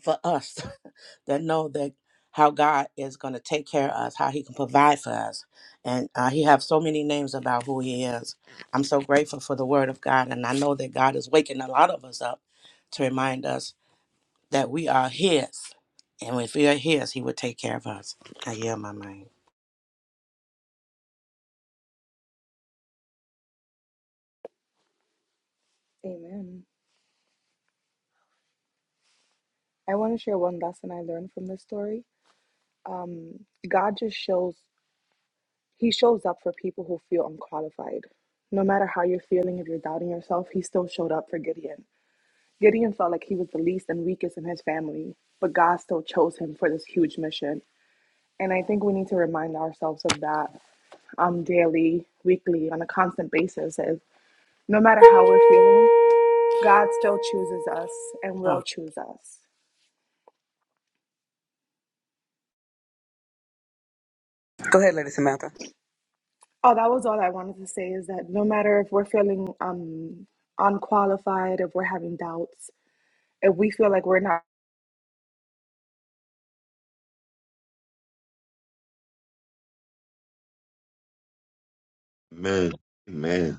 F: for us that know that how god is going to take care of us how he can provide for us and uh, he have so many names about who he is i'm so grateful for the word of god and i know that god is waking a lot of us up to remind us that we are His. And if we are His, He will take care of us. I yield my mind.
G: Amen. I want to share one lesson I learned from this story. God just shows, He shows up for people who feel unqualified. No matter how you're feeling, if you're doubting yourself, He still showed up for Gideon. Gideon felt like he was the least and weakest in his family, but God still chose him for this huge mission. And I think we need to remind ourselves of that um, daily, weekly, on a constant basis. Is no matter how we're feeling, God still chooses us and will choose us.
E: Go ahead, Lady Samantha.
G: Oh, that was all I wanted to say is that no matter if we're feeling um unqualified, if we're having doubts, if we feel like we're not.
B: name. Amen. Amen.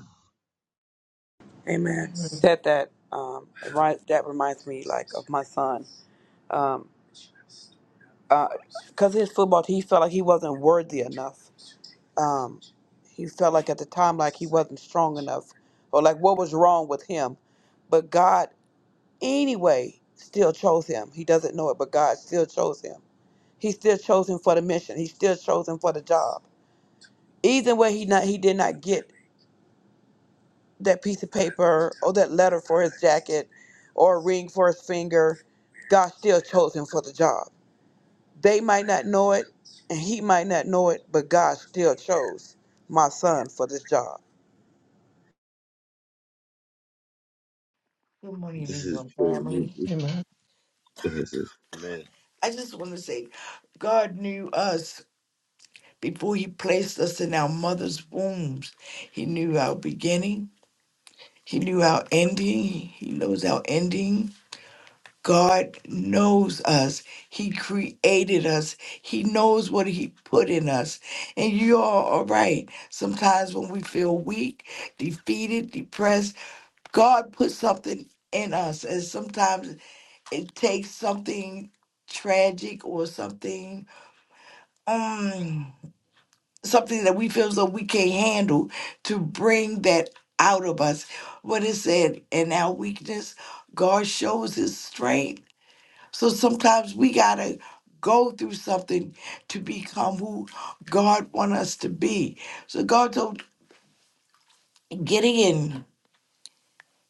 E: Amen.
A: Amen.
E: Said that, um, right, that reminds me, like, of my son. Um, uh, because his football, he felt like he wasn't worthy enough um, he felt like at the time like he wasn't strong enough or like what was wrong with him but god anyway still chose him he doesn't know it but god still chose him he still chose him for the mission he still chose him for the job even when he not he did not get that piece of paper or that letter for his jacket or a ring for his finger god still chose him for the job they might not know it and he might not know it but god still chose my son for this job
H: Good morning,
B: This is
H: Leon
B: true.
H: family.
A: Amen.
B: Go ahead, sis. Man,
H: I just want to say God knew us before He placed us in our mother's wombs. He knew our beginning, He knew our ending, He knows our ending. God knows us. He created us. He knows what He put in us. And you are all right. Sometimes when we feel weak, defeated, depressed, God put something in us. And sometimes it takes something tragic or something um something that we feel as though we can't handle to bring that out of us what it said in our weakness god shows his strength so sometimes we gotta go through something to become who god want us to be so god told gideon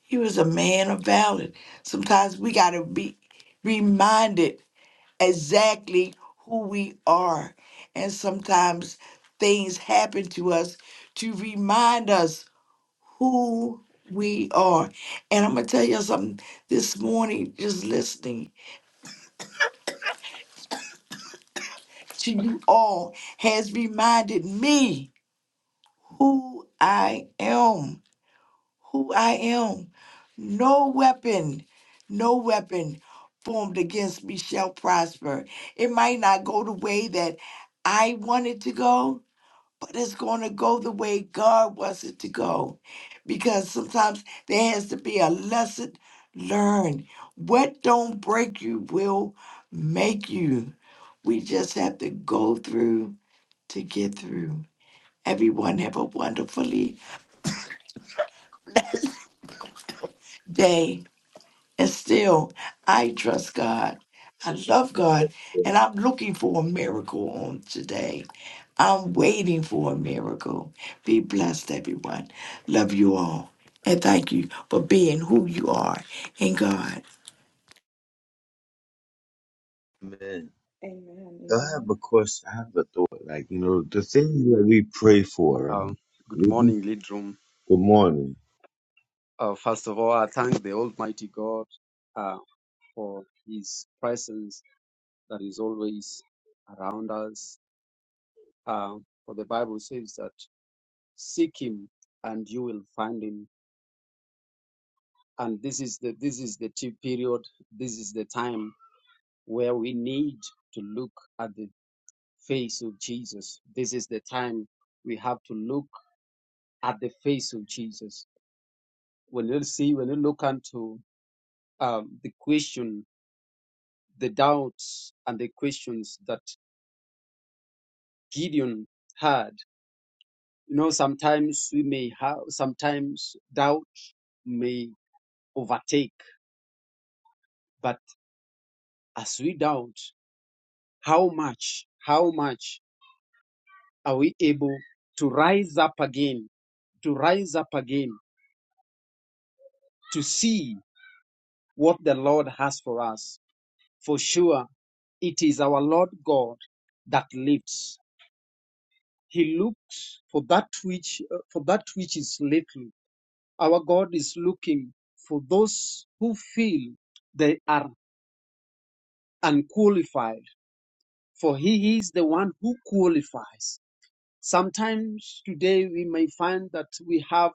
H: he was a man of valor sometimes we gotta be reminded exactly who we are. And sometimes things happen to us to remind us who we are. And I'm going to tell you something this morning, just listening to you all has reminded me who I am. Who I am. No weapon, no weapon formed against me shall prosper. It might not go the way that I want it to go, but it's going to go the way God wants it to go. Because sometimes there has to be a lesson learned. What don't break you will make you. We just have to go through to get through. Everyone have a wonderfully day. And still, I trust God. I love God. And I'm looking for a miracle on today. I'm waiting for a miracle. Be blessed, everyone. Love you all. And thank you for being who you are in God.
B: man.
G: Amen.
B: I have
G: Amen.
B: a question. I have a thought. Like, you know, the things that
D: Amen.
B: we pray for. right?
D: Um, good
B: Good
D: morning, lead room.
B: morning.
D: Uh, first of all, I thank the Almighty God uh, for His presence that is always around us. Uh, for the Bible says that seek him and you will find him. And this is the this is the t- period, this is the time where we need to look at the face of Jesus. This is the time we have to look at the face of Jesus. When you see, when you look into um, the question, the doubts and the questions that Gideon had, You know, sometimes we may have, sometimes doubt may overtake, but as we doubt, how much, how much are we able to rise up again, to rise up again, to see what the Lord has for us? For sure, it is our Lord God that lifts. He looks for that which, uh, for that which is little. Our God is looking for those who feel they are and qualified, for he is the one who qualifies. Sometimes today we may find that we have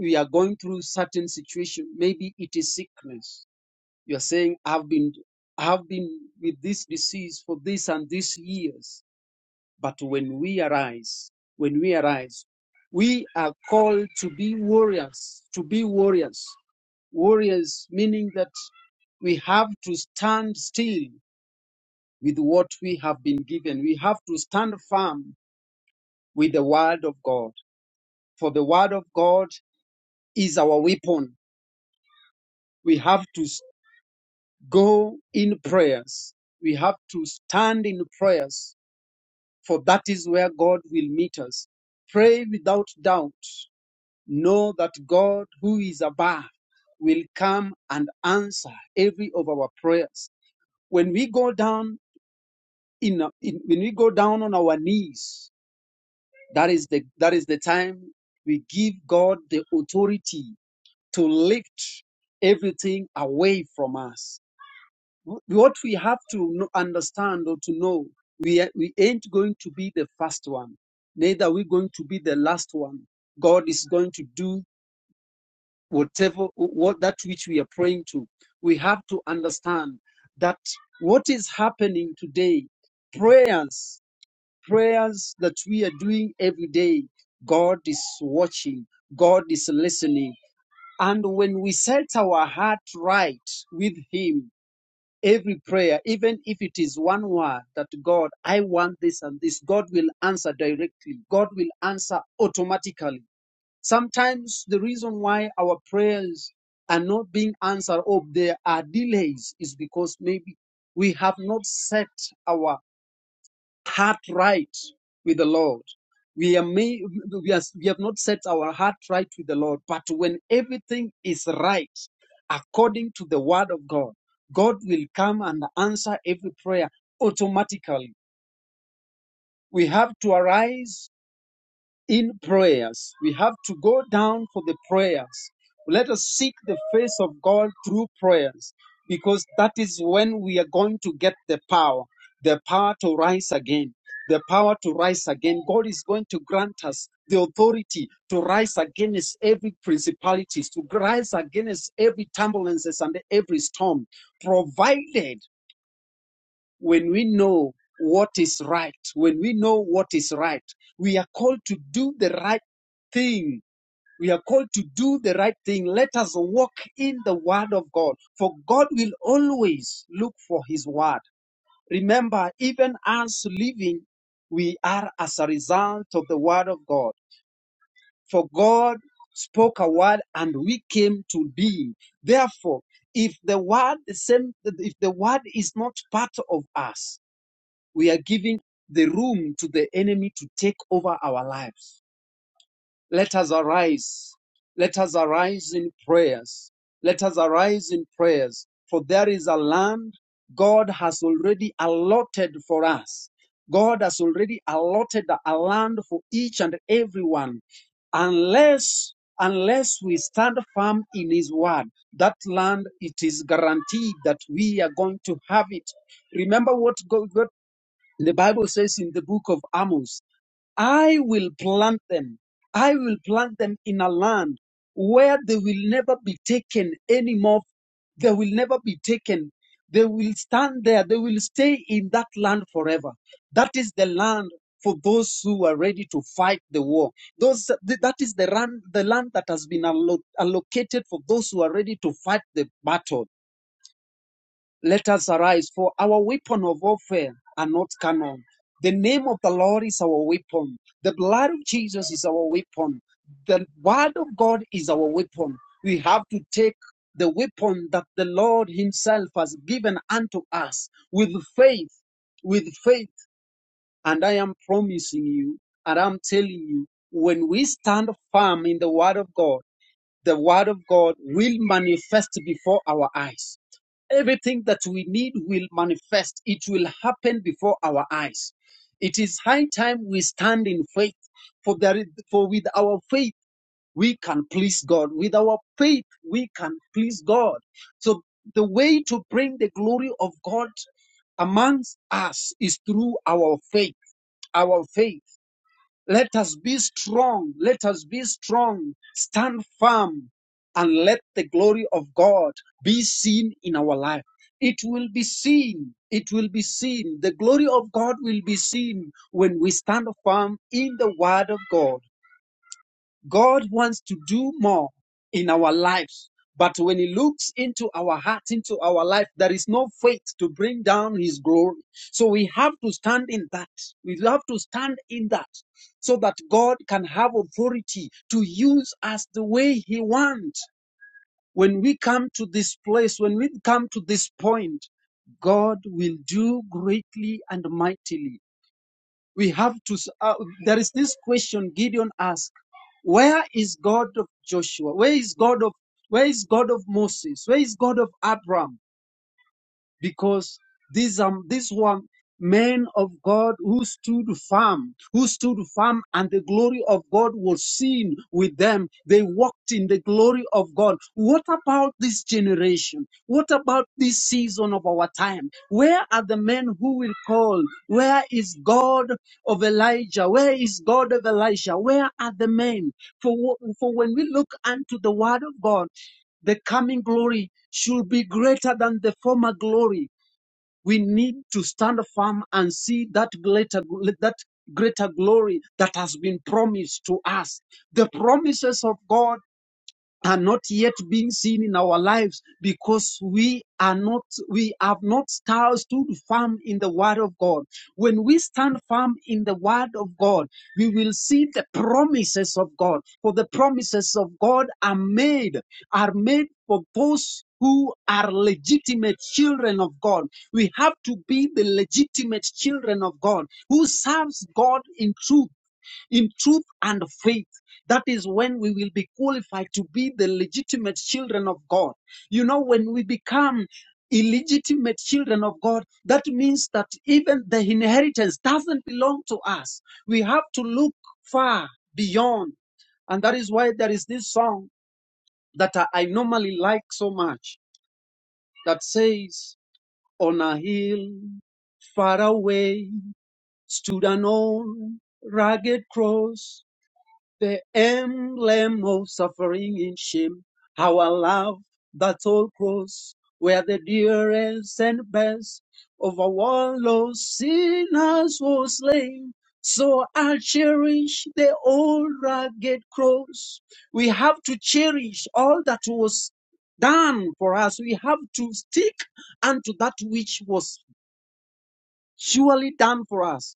D: we are going through certain situation. Maybe it is sickness. You are saying, I've been I've been with this disease for this and this years. But when we arise, when we arise, we are called to be warriors, to be warriors. Warriors meaning that we have to stand still with what we have been given. We have to stand firm with the word of God, for the word of God is our weapon. We have to s- go in prayers. We have to stand in prayers, for that is where God will meet us. Pray without doubt. Know that God, who is above, will come and answer every of our prayers. When we go down in, in when we go down on our knees That is the that is the time we give God the authority to lift everything away from us. What we have to kno- understand or to know, we a- we ain't going to be the first one, neither we going to be the last one. God is going to do whatever what that which we are praying to. We have to understand that what is happening today, prayers prayers that we are doing every day, God is watching, God is listening. And when we set our heart right with Him, every prayer, even if it is one word that God, I want this and this, God will answer directly, God will answer automatically. Sometimes the reason why our prayers are not being answered or there are delays is because maybe we have not set our heart right with the Lord. We are may, we are, we have not set our heart right with the Lord, but when everything is right according to the word of God, God will come and answer every prayer automatically. We have to arise in prayers. We have to go down for the prayers. Let us seek the face of God through prayers because that is when we are going to get the power, the power to rise again, the power to rise again. God is going to grant us the authority to rise against every principalities, to rise against every turbulences and every storm, provided when we know what is right, when we know what is right, we are called to do the right thing. We are called to do the right thing. Let us walk in the word of God, for God will always look for his word. Remember, even us living, we are as a result of the word of God. For God spoke a word and we came to being. Therefore, if the word the same if the word is not part of us, we are giving the room to the enemy to take over our lives. Let us arise. Let us arise in prayers. Let us arise in prayers. For there is a land God has already allotted for us. God has already allotted a land for each and everyone unless unless we stand firm in his word that land it is guaranteed that we are going to have it remember what god, what the Bible says in the book of Amos, I will plant them. I will plant them in a land where they will never be taken anymore. They will never be taken. They will stand there. They will stay in that land forever. That is the land for those who are ready to fight the war. Those, th- that is the, land. the land that has been allo- allocated for those who are ready to fight the battle. Let us arise, for our weapon of warfare are not carnal. The name of the Lord is our weapon. The blood of Jesus is our weapon. The word of God is our weapon. We have to take the weapon that the Lord Himself has given unto us with faith, with faith. And I am promising you, and I'm telling you, when we stand firm in the word of God, the word of God will manifest before our eyes. Everything that we need will manifest. It will happen before our eyes. It is high time we stand in faith, for there is, for with our faith we can please God. With our faith we can please God. So the way to bring the glory of God amongst us is through our faith. Our faith. Let us be strong. Let us be strong. Stand firm and let the glory of God be seen in our life. It will be seen. It will be seen. The glory of God will be seen when we stand firm in the word of God God wants to do more in our lives. But when He looks into our hearts, into our life, there is no faith to bring down His glory. So we have to stand in that. We have to stand in that so that God can have authority to use us the way He wants. When we come to this place, when we come to this point, God will do greatly and mightily we have to uh, there is this question gideon asked where is god of joshua where is god of where is god of moses where is god of abraham because these um these were men of God who stood firm, who stood firm, and the glory of God was seen with them. They walked in the glory of God. What about this generation? What about this season of our time? Where are the men who will call? Where is God of Elijah? Where is God of Elijah? Where are the men? For, wh- for when we look unto the word of God, the coming glory should be greater than the former glory we need to stand firm and see that greater that greater glory that has been promised to us the promises of god are not yet being seen in our lives because we are not, we have not sta- stood firm in the word of God. When we stand firm in the word of God, we will see the promises of God. For the promises of God are made, are made for those who are legitimate children of God. We have to be the legitimate children of God who serves God in truth in truth and faith. That is when we will be qualified to be the legitimate children of God. You know, when we become illegitimate children of God, that means that even the inheritance doesn't belong to us. We have to look far beyond. And that is why there is this song that I I normally like so much that says, On a hill far away stood an old rugged cross the emblem of suffering in shame. Our love, that old cross, where the dearest and best of our one lost sinners was slain. So I cherish the old rugged cross. We have to cherish all that was done for us. We have to stick unto that which was surely done for us.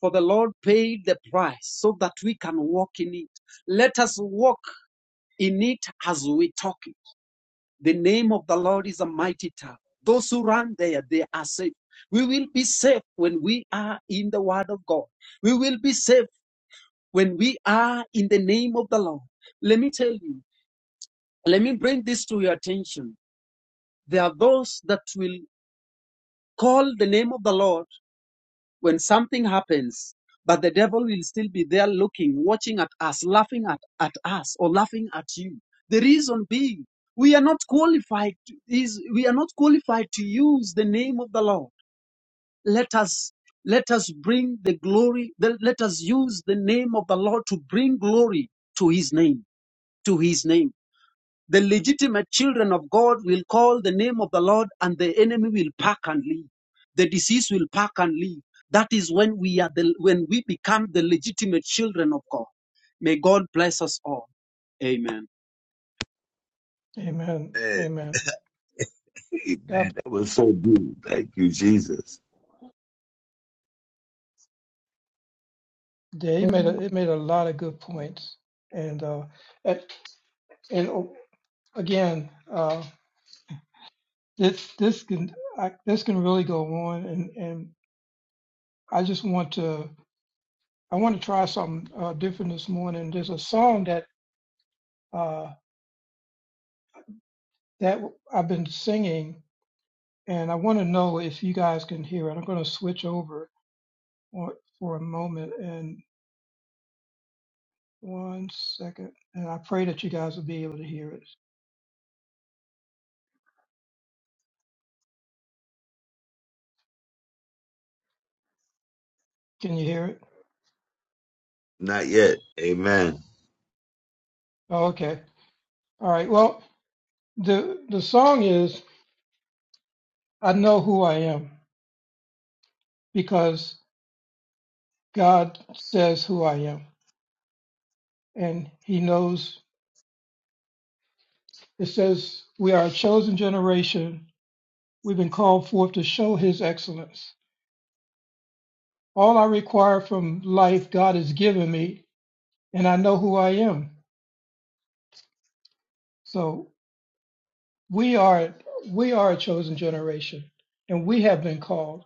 D: For the Lord paid the price so that we can walk in it. Let us walk in it as we talk it. The name of the Lord is a mighty tower. Those who run there, they are safe. We will be safe when we are in the word of God. We will be safe when we are in the name of the Lord. Let me tell you, let me bring this to your attention. There are those that will call the name of the Lord when something happens, but the devil will still be there looking, watching at us, laughing at, at us, or laughing at you. The reason being, we are not qualified to, is we are not qualified to use the name of the Lord. Let us let us bring the glory, the- let us use the name of the Lord to bring glory to his name, to his name the legitimate children of God will call the name of the Lord and the enemy will pack and leave. The disease will pack and leave. That is when we are the, when we become the legitimate children of God. May God bless us all. Amen.
A: Amen.
B: Man,
A: Amen.
B: hey,
A: God,
B: man, that was so good. Thank you, Jesus.
A: yeah, he made
I: Mhm.
A: a, it made a lot of good points, and uh, and, and oh, again, uh, this this can I, this can really go on, and and I just want to I want to try something uh, different this morning. There's a song that uh, that I've been singing, and I want to know if you guys can hear it. I'm going to switch over for, for a moment and one second, and I pray that you guys will be able to hear it. Can you hear it?
B: Not yet. Amen.
A: Oh, okay. All right. Well, the the song is I know who I am because God says who I am, and He knows. It says we are a chosen generation We've been called forth to show his excellence. All I require from life God has given me, and I know who I am. So we are we are a chosen generation, and we have been called.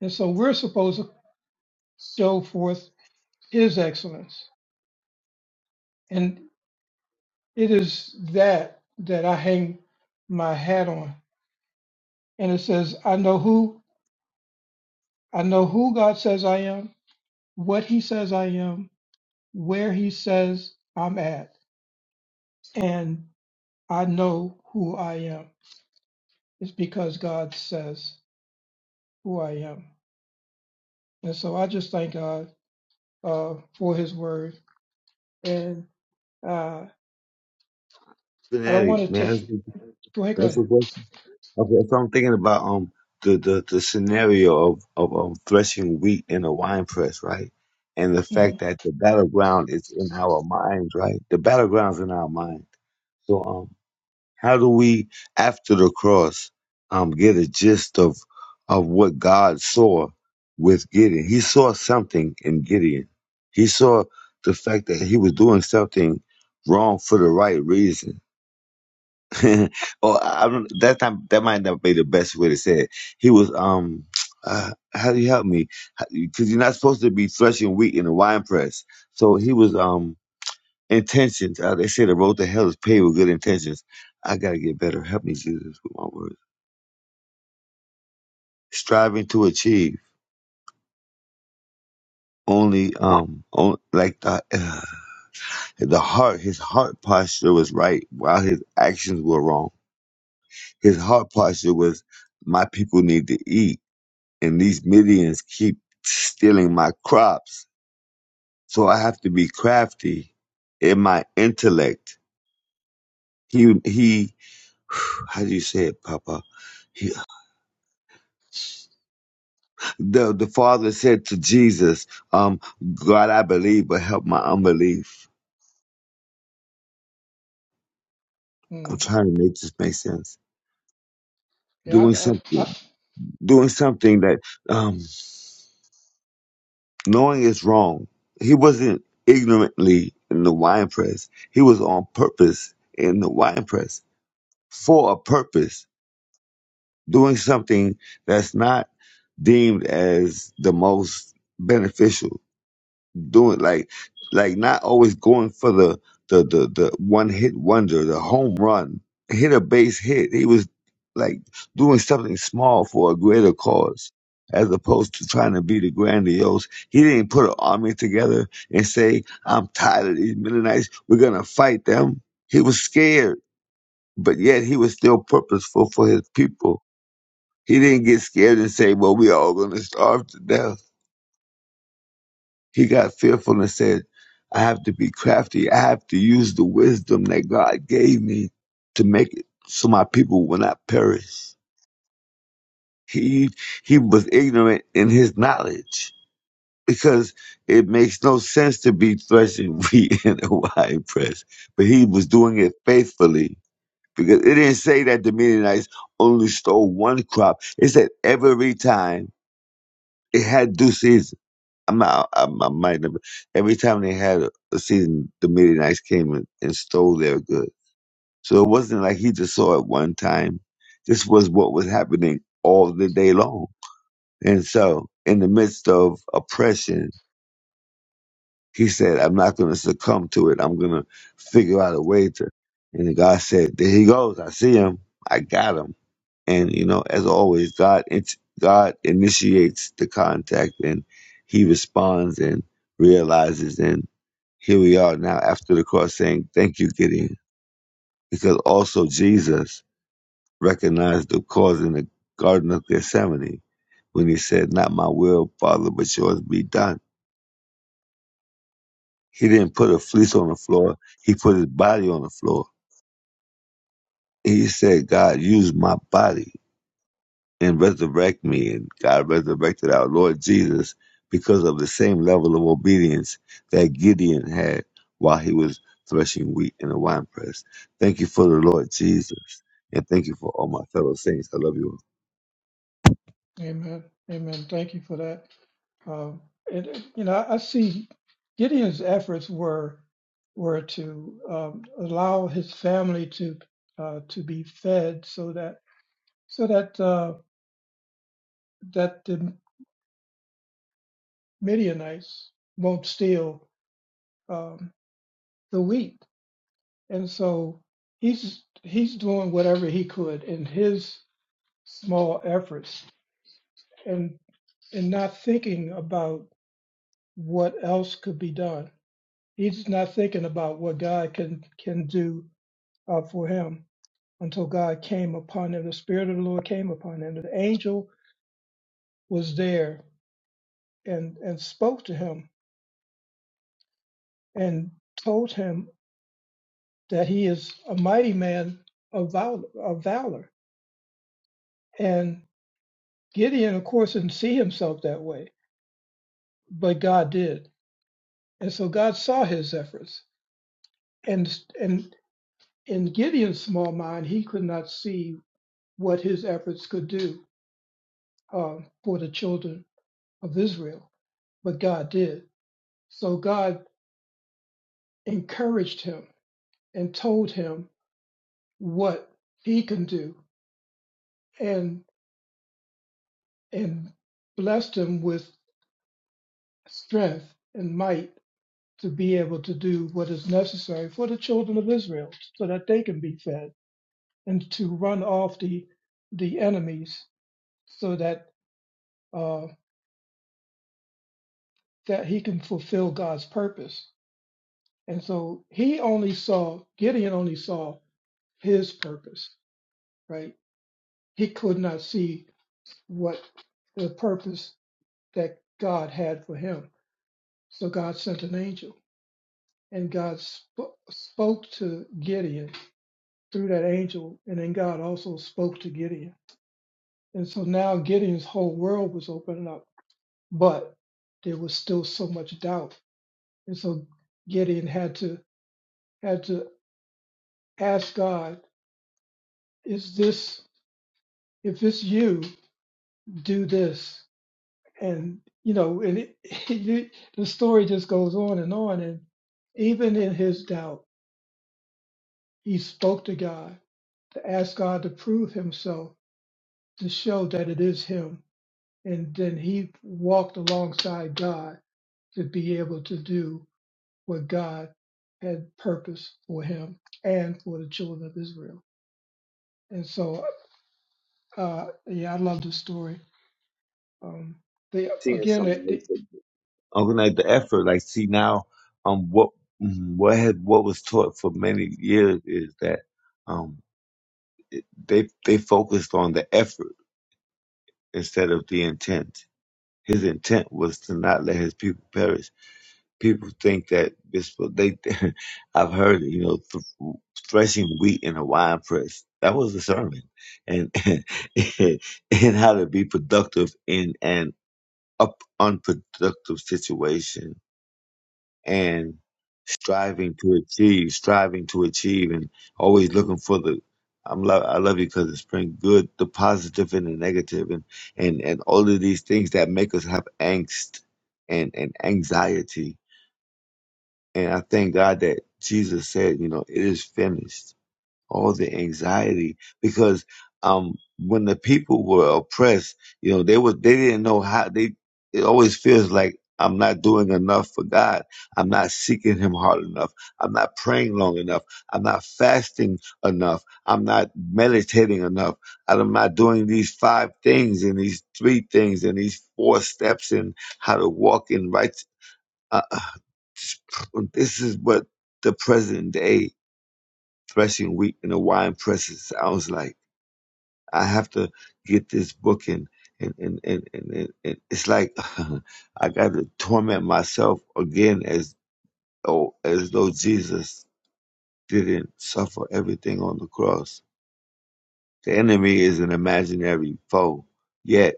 A: And so we're supposed to show forth his excellence. And it is that that I hang my hat on. And it says, I know who I know who God says I am, what he says I am, where he says I'm at. and. I know who I am. It's because God says who I am. And so I just thank God uh, for his word. And uh, I don't
B: Fanatic,
A: want to
B: man. That's,
A: take, go ahead, go
B: that's
A: ahead.
B: a question. Okay, so I'm thinking about um the, the, the scenario of, of um threshing wheat in a wine press, right? And the fact
A: Mhm.
B: that the battleground is in our minds, right? The battleground's in our mind. So um, How do we, after the cross, um, get a gist of of what God saw with Gideon? He saw something in Gideon. He saw the fact that he was doing something wrong for the right reason. or I don't, that time, that might not be the best way to say it. He was um. Uh, how do you help me? Because you're not supposed to be threshing wheat in a wine press. So he was um Intentions. Uh, they say the road to hell is paved with good intentions. I gotta get better. Help me, Jesus, with my words. Striving to achieve. Only, um, on, like the uh, the heart. His heart posture was right, while his actions were wrong. His heart posture was, my people need to eat, and these Midians keep stealing my crops. So I have to be crafty in my intellect. He he. How do you say it, Papa? He, the the father said to Jesus, um, God, I believe, but help my unbelief. I'm
A: Mm.
B: trying to make this make sense.
A: Yeah,
B: Doing
A: I, I,
B: something, doing something that um, knowing is wrong. He wasn't ignorantly in the wine press. He was on purpose in the wine press for a purpose. Doing something that's not deemed as the most beneficial doing like like not always going for the the the, the one hit wonder, the home run, hit a base hit. He was like doing something small for a greater cause. As opposed to trying to be the grandiose, he didn't put an army together and say, I'm tired of these Mennonites. We're going to fight them. He was scared, but yet he was still purposeful for his people. He didn't get scared and say, Well, we all going to starve to death he got fearful and said, I have to be crafty. I have to use the wisdom that God gave me to make it so my people will not perish. He, he was ignorant in his knowledge because it makes no sense to be threshing wheat in a wine press. But he was doing it faithfully because it didn't say that the Midianites only stole one crop. It said every time it had due season. I'm out. I'm, I might have. Every time they had a, a season, the Midianites came and, and stole their goods. So it wasn't like he just saw it one time. This was what was happening all the day long. And so, in the midst of oppression, he said, "I'm not going to succumb to it. I'm going to figure out a way to." And God said, "There he goes. I see him. I got him." And you know, as always, God int- God initiates the contact, and He responds and realizes. And here we are now after the cross, saying, "Thank you, Gideon," because also Jesus recognized the cause in the Garden of Gethsemane when He said, "Not my will, Father, but yours be done." He didn't put a fleece
A: I,
B: on the floor; He put His body on the floor. He said, "God, use my body." and resurrect me. And God resurrected our Lord Jesus because of the same level of obedience that Gideon had while he was threshing wheat in the winepress. Thank you for the Lord Jesus. And thank you for all my fellow saints. I love you all.
A: amen. Amen. Thank you for that. Um, and uh, you know, I, I see Gideon's efforts were were to um, allow his family to uh, to be fed, so that so that uh, that the Midianites won't steal um, the wheat, and so he's he's doing whatever he could in his small efforts, and and not thinking about what else could be done. He's not thinking about what God can can do uh, for him until God came upon him. The Spirit of the Lord came upon him. The angel was there and and spoke to him and told him that he is a mighty man of valor, of valor. And Gideon, of course, didn't see himself that way, but God did. And so God saw his efforts. And, and in Gideon's small mind, he could not see what his efforts could do um, for the children of Israel, but God did. So God encouraged him and told him what he can do and, and blessed him with strength and might to be able to do what is necessary for the children of Israel so that they can be fed and to run off the the enemies so that uh, that he can fulfill God's purpose. And so he only saw Gideon only saw his purpose, right? He could not see what the purpose that God had for him. So God sent an angel and God sp- spoke to Gideon through that angel and then God also spoke to Gideon And so now Gideon's whole world was opening up, but there was still so much doubt. And so Gideon had to had to ask God, is this if it's you, do this. And you know, and it, it, the story just goes on and on. And even in his doubt, he spoke to God to ask God to prove himself, to show that it is him. And then he walked alongside God to be able to do what God had purpose for him and for the children of Israel. And so, uh, yeah, I love this story. Um, the
B: Seeing
A: again,
B: something
A: the,
B: like
A: the,
B: that. Organize the effort. Like, see now, um, what, mm, what had, what was taught for many years is that, um, it, they, they focused on the effort instead of the intent. His intent was to not let his people perish people think that this they I've heard you know th- threshing wheat in a wine press that was a sermon and and how to be productive in an up unproductive situation and striving to achieve striving to achieve and always looking for the I'm love I love you because it's bring good the positive and the negative and and and all of these things that make us have angst and and anxiety and I thank God that Jesus said, you know, it is finished. All the anxiety because um when the people were oppressed, you know, they were they didn't know how they it always feels like I'm not doing enough for God. I'm not seeking him hard enough. I'm not praying long enough. I'm not fasting enough. I'm not meditating enough. I'm not doing these five things and these three things and these four steps and how to walk in right. Uh, this is what the present day threshing wheat in the wine presses sounds like. I have to get this book and and and and, and, and, and it's like I got to torment myself again as though as though Jesus didn't suffer everything on the cross. The enemy is an imaginary foe, yet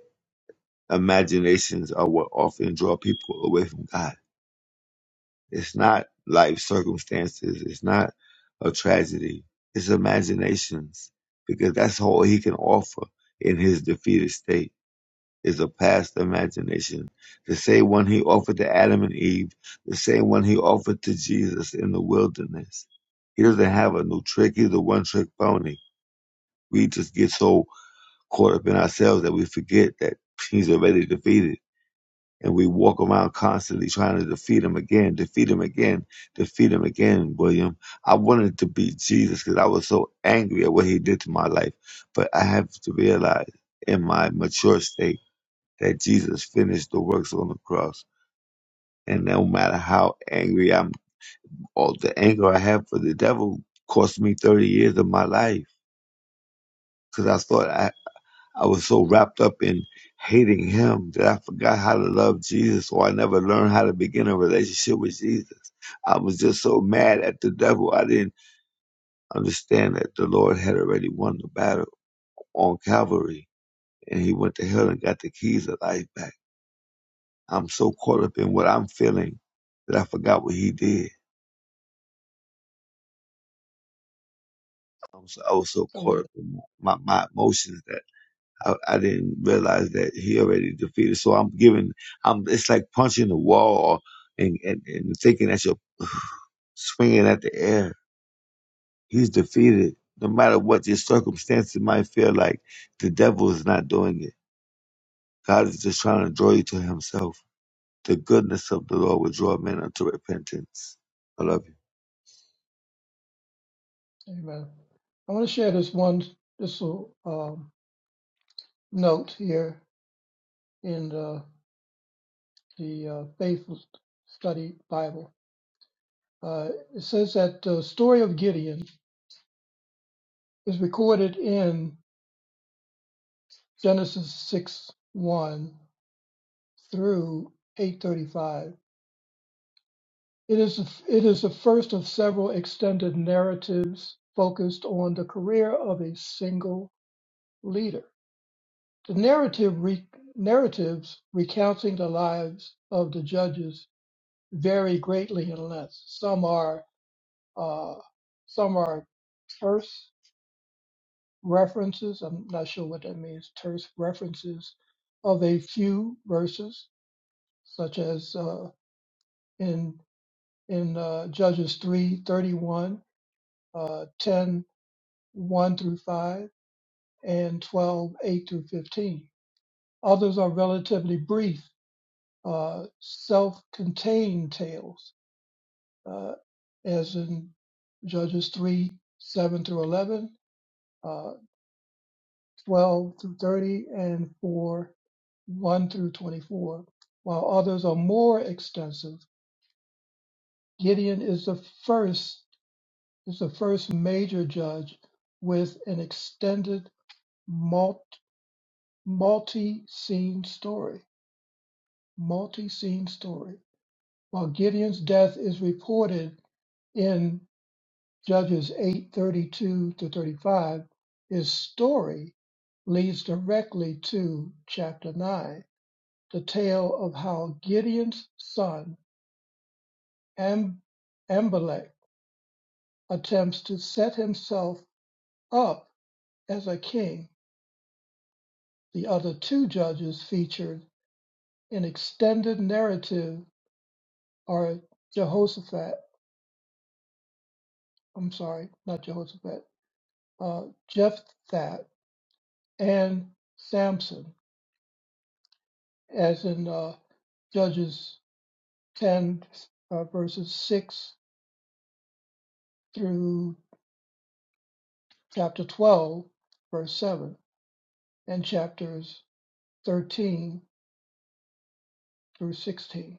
B: imaginations are what often draw people away from God. It's not life circumstances. It's not a tragedy. It's imaginations because that's all he can offer in his defeated state is a past imagination. The same one he offered to Adam and Eve, the same one he offered to Jesus in the wilderness. He doesn't have a new trick. He's a one trick pony. We just get so caught up in ourselves that we forget that he's already defeated and we walk around constantly trying to defeat him again, defeat him again, defeat him again, William. I wanted to be Jesus because I was so angry at what he did to my life. But I have to realize in my mature state that Jesus finished the works on the cross. And no matter how angry I'm, all the anger I have for the devil cost me 30 years of my life because I thought I I was so wrapped up in hating him that I forgot how to love Jesus, or I never learned how to begin a relationship with Jesus. I was just so mad at the devil. I didn't understand that the Lord had already won the battle on Calvary, and he went to hell and got the keys of life back. I'm so caught up in what I'm feeling that I forgot what he did. I'm so, I was so
A: I
B: caught
A: want
B: up in my, my emotions that I, I didn't realize that he already defeated. So I'm giving, I'm, it's like punching the wall and, and, and thinking that you're swinging at the air. He's defeated. No matter what your circumstances might feel like, the devil is not doing it. God is just trying to draw you to himself. The goodness of the Lord will draw men unto repentance. I love
A: to amen. I want to share this one this little um, note here in the the uh, faithful study Bible. Uh, it says that the story of Gideon is recorded in Genesis six one through 8:35 It is it is the first of several extended narratives focused on the career of a single leader. The narrative re, narratives recounting the lives of the judges vary greatly in length. Some are uh, some are terse references. I'm not sure what that means. Terse references of a few verses, such as uh, in in uh, Judges three thirty one, uh, 10 1 through 5, and twelve eight 8 through 15. Others are relatively brief, uh, self contained tales, uh, as in Judges 3, 7 through 11, uh, 12 through 30, and 4, 1 through 24, while others are more extensive. Gideon is the first is the first major judge with an extended multi multi scene story. multi-scene story. While Gideon's death is reported in Judges 8:32 to 35, his story leads directly to chapter 9, the tale of how Gideon's son Am- Amalek attempts to set himself up as a king. The other two judges featured in extended narrative are Jehoshaphat, I'm sorry, not Jehoshaphat, uh, Jephthah and Samson, as in uh, Judges 10, uh, verses 6 through chapter 12, verse 7, and chapters 13 through 16.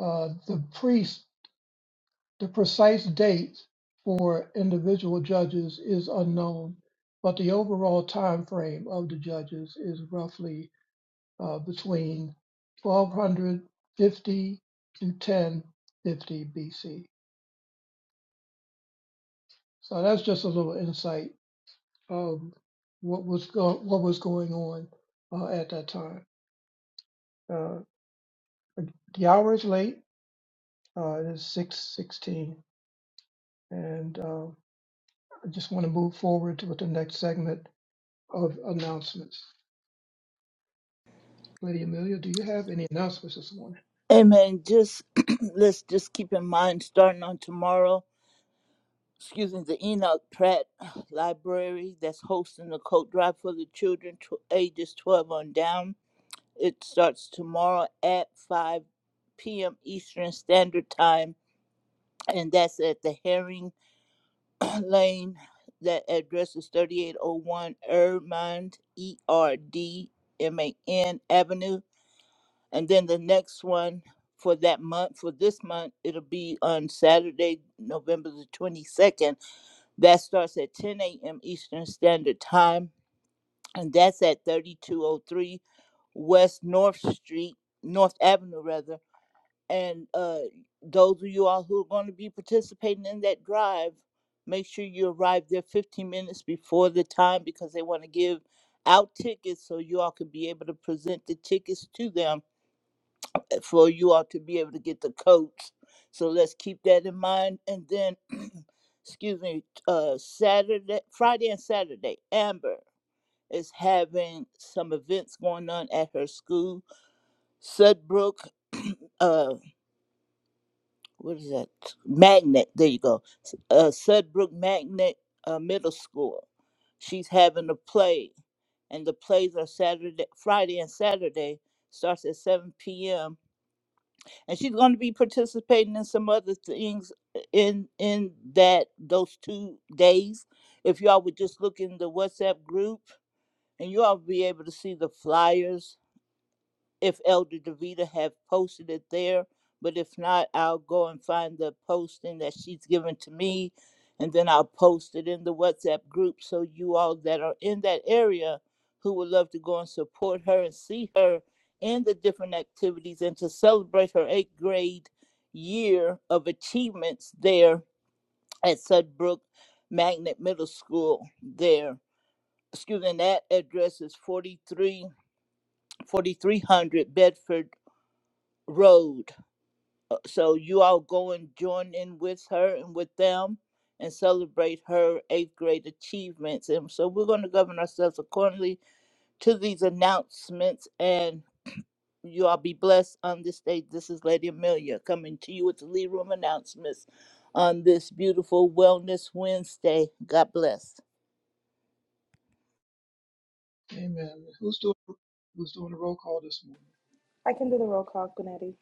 A: Uh, the priest, the precise date for individual judges is unknown, but the overall time frame of the judges is roughly uh, between 1250 to 1050 BC. So that's just a little insight of what was go- what was going on uh, at that time. Uh, the hour is late. Uh, it is 6:16, and uh, I just want to move forward to the next segment of announcements. Lady Amelia, do you have any announcements this morning?
C: Amen. Just let's just keep in mind starting on tomorrow, excuse me, the Enoch Pratt Library that's hosting the coat drive for the children tw- ages 12 on down. It starts tomorrow at 5 p.m. Eastern Standard Time, and that's at the Herring Lane. That address is 3801 Erdmond, E R D M A N Avenue. And then the next one for that month, for this month, it'll be on Saturday, November the 22nd. That starts at 10 a.m. Eastern Standard Time, and that's at 3203 West North Street, North Avenue, rather. And uh, those of you all who are going to be participating in that drive, make sure you arrive there 15 minutes before the time because they want to give out tickets so you all can be able to present the tickets to them for you all to be able to get the coats. So let's keep that in mind. And then, excuse me, uh, Saturday, Friday and Saturday, Amber is having some events going on at her school, Sudbrook. Uh, what is that? Magnet. There you go. Uh, Sudbrook Magnet uh, Middle School. She's having a play, and the plays are Saturday, Friday, and Saturday. Starts at 7 p.m and she's going to be participating in some other things in in that those two days if y'all would just look in the whatsapp group and you all be able to see the flyers if Elder Davita have posted it there. But if not, I'll go and find the posting that she's given to me, and then I'll post it in the WhatsApp group so you all that are in that area who would love to go and support her and see her in the different activities and to celebrate her eighth grade year of achievements there at Sudbrook Magnet Middle School there. Excuse me, and that address is forty three, forty three hundred Bedford road. Uh, So you all go and join in with her and with them and celebrate her eighth grade achievements. And so we're going to govern ourselves accordingly to these announcements. And you all be blessed on this day. This is Lady Amelia coming to you with the Lead Room announcements on this beautiful Wellness Wednesday. God bless.
A: Amen. Who's doing Who's doing the roll call this morning?
G: I can do the roll call, Gunetti.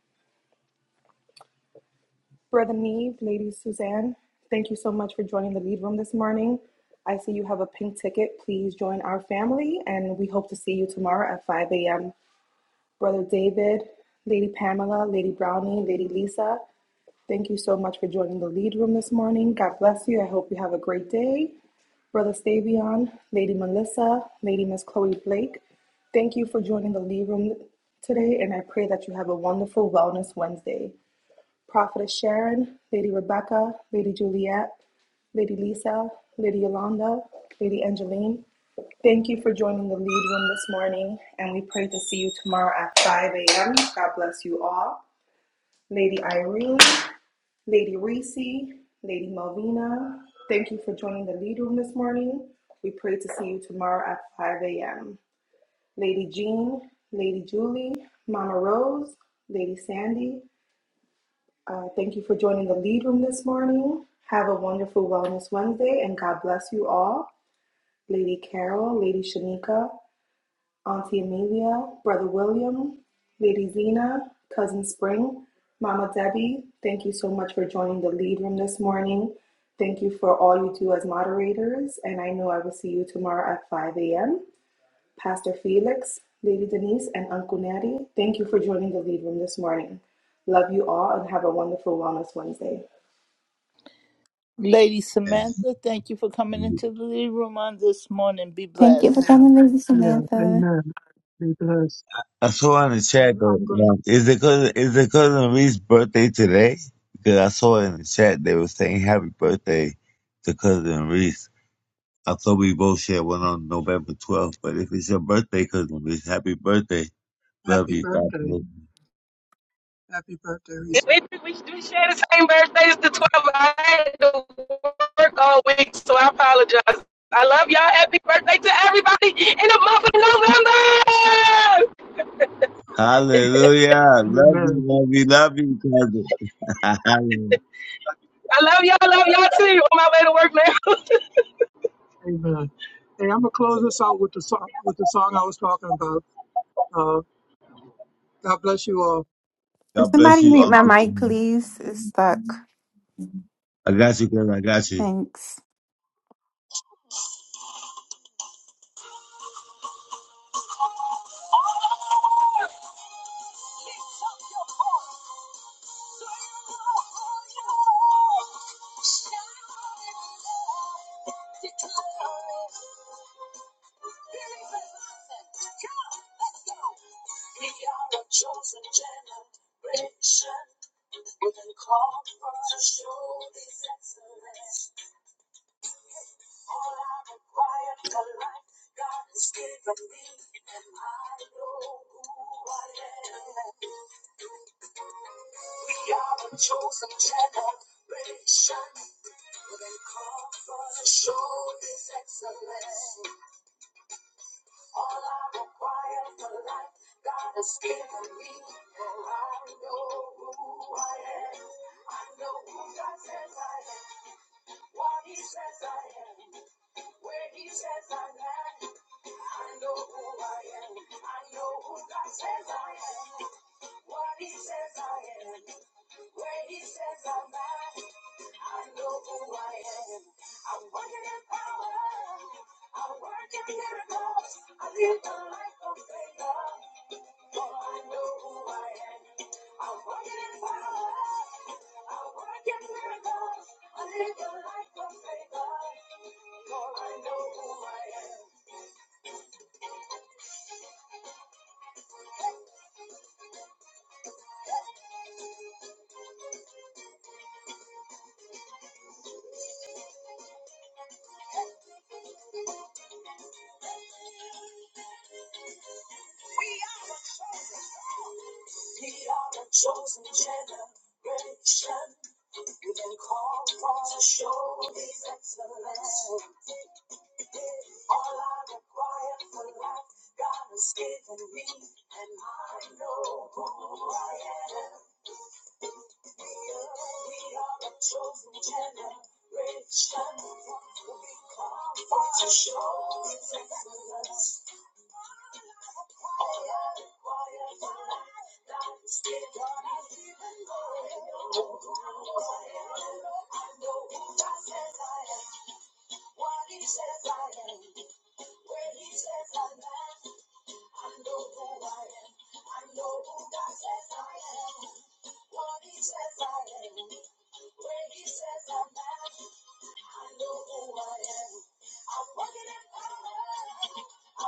G: Brother Neve, Lady Suzanne, thank you so much for joining the lead room this morning. I see you have a pink ticket. Please join our family, and we hope to see you tomorrow at 5 a.m. Brother David, Lady Pamela, Lady Brownie, Lady Lisa, thank you so much for joining the lead room this morning. God bless you. I hope you have a great day. Brother Stavion, Lady Melissa, Lady Miss Chloe Blake, thank you for joining the Lee Room today, and I pray that you have a wonderful Wellness Wednesday. Prophetess Sharon, Lady Rebecca, Lady Juliet, Lady Lisa, Lady Yolanda, Lady Angeline, thank you for joining the Lead Room this morning, and we pray to see you tomorrow at 5 a.m. God bless you all. Lady Irene, Lady Reese, Lady Malvina, thank you for joining the lead room this morning. We pray to see you tomorrow at 5 a.m. Lady Jean, Lady Julie, Mama Rose, Lady Sandy, uh, thank you for joining the lead room this morning. Have a wonderful Wellness Wednesday and God bless you all. Lady Carol, Lady Shanika, Auntie Amelia, Brother William, Lady Zena, Cousin Spring, Mama Debbie, thank you so much for joining the lead room this morning. Thank you for all you do as moderators, and I know I will see you tomorrow at 5 a.m. Pastor Felix, Lady Denise, and Uncle Natty, thank you for joining the lead room this morning. Love you all and have a wonderful Wellness Wednesday.
C: Lady
B: you.
C: Samantha, thank you for coming
B: Amen.
C: into the Lead Room on this morning. Be
J: Thank you for
C: blessed.
J: coming, Lady
A: Yeah,
J: Samantha.
A: amen. Be blessed.
B: I saw in the chat
A: And
B: that
A: I'm going
B: um, is the cousin is the cousin Reese's birthday today? Because I saw in the chat they were saying happy birthday to cousin Reese. I thought we both shared one on November twelfth, but if it's your birthday, cousin Reese, happy birthday. Love
A: Happy
B: you, God
A: birthday.
B: bless you.
A: Happy birthday,
K: We,
A: Reese.
K: we, we share the same birthdays, the 12th. I had to work all week, so I apologize. I love y'all. Happy birthday to everybody in the month of November.
B: Hallelujah. Love you,
A: Amen.
B: love you, love you, cousin.
K: I love y'all. Love y'all too. On my way to work now.
A: Amen. Hey, I'm gonna close this out with the song with the song I was talking about. Uh, God bless you all.
J: Can
B: God bless
J: somebody
B: you,
J: mute my
B: Uncle.
J: mic, please? It's stuck.
B: I got you, cousin. I got you.
J: Thanks.
A: Lift up your voice. Chosen generation, we can call for a show His excellence. All I've for life, God has given me, and I know who I am. We are a chosen generation. When have been called for the show His excellence. All I require for life, God has given me, and I know who I am. I know who God says I am, what He says I am. Where he says I am, I know who I am. I know who God says I am. What he says I am. Where he says I'm at, I know who I am. I'm working in power. I'm working miracles. I live the life of favor. For I know who I am. I'm working in power. I'm working miracles. I live the life of favor. For I know who I am. We are the chosen. We are the chosen generation. You've been called for to show His excellence. All I require for life, God has given me, and I know who I am. We are, we are the chosen generation. We're born to show excellence. Why are we wired? Wired to die? Let's get going, even though it's cold. I know, I know who God says I am. What He says I am. When He says I'm blessed. I know who I am. I know who God says I am. What He says I am. Where He says I'm at. I know who I am. I'm walking in power.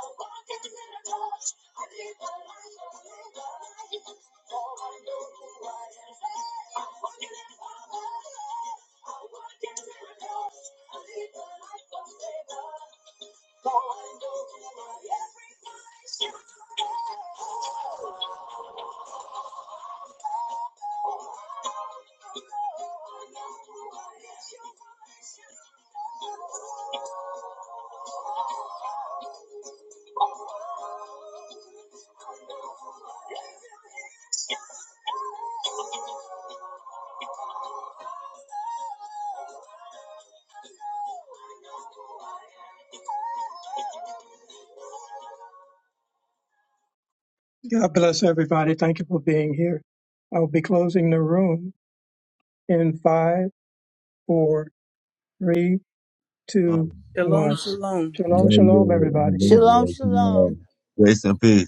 A: I'm walking in the torch. I live a life of labor. For I know who I am. I'm walking in power. I'm walking in the torch. I live a life of labor. For I know who I am. God bless everybody. Thank you for being here. I'll be closing the room in five, four, three,
B: Love
A: two,
L: Shalom,
A: one.
L: shalom.
A: Shalom, shalom,
B: you.
A: everybody.
B: I love you.
C: Shalom,
B: I love
C: shalom.
B: you. Rest in peace.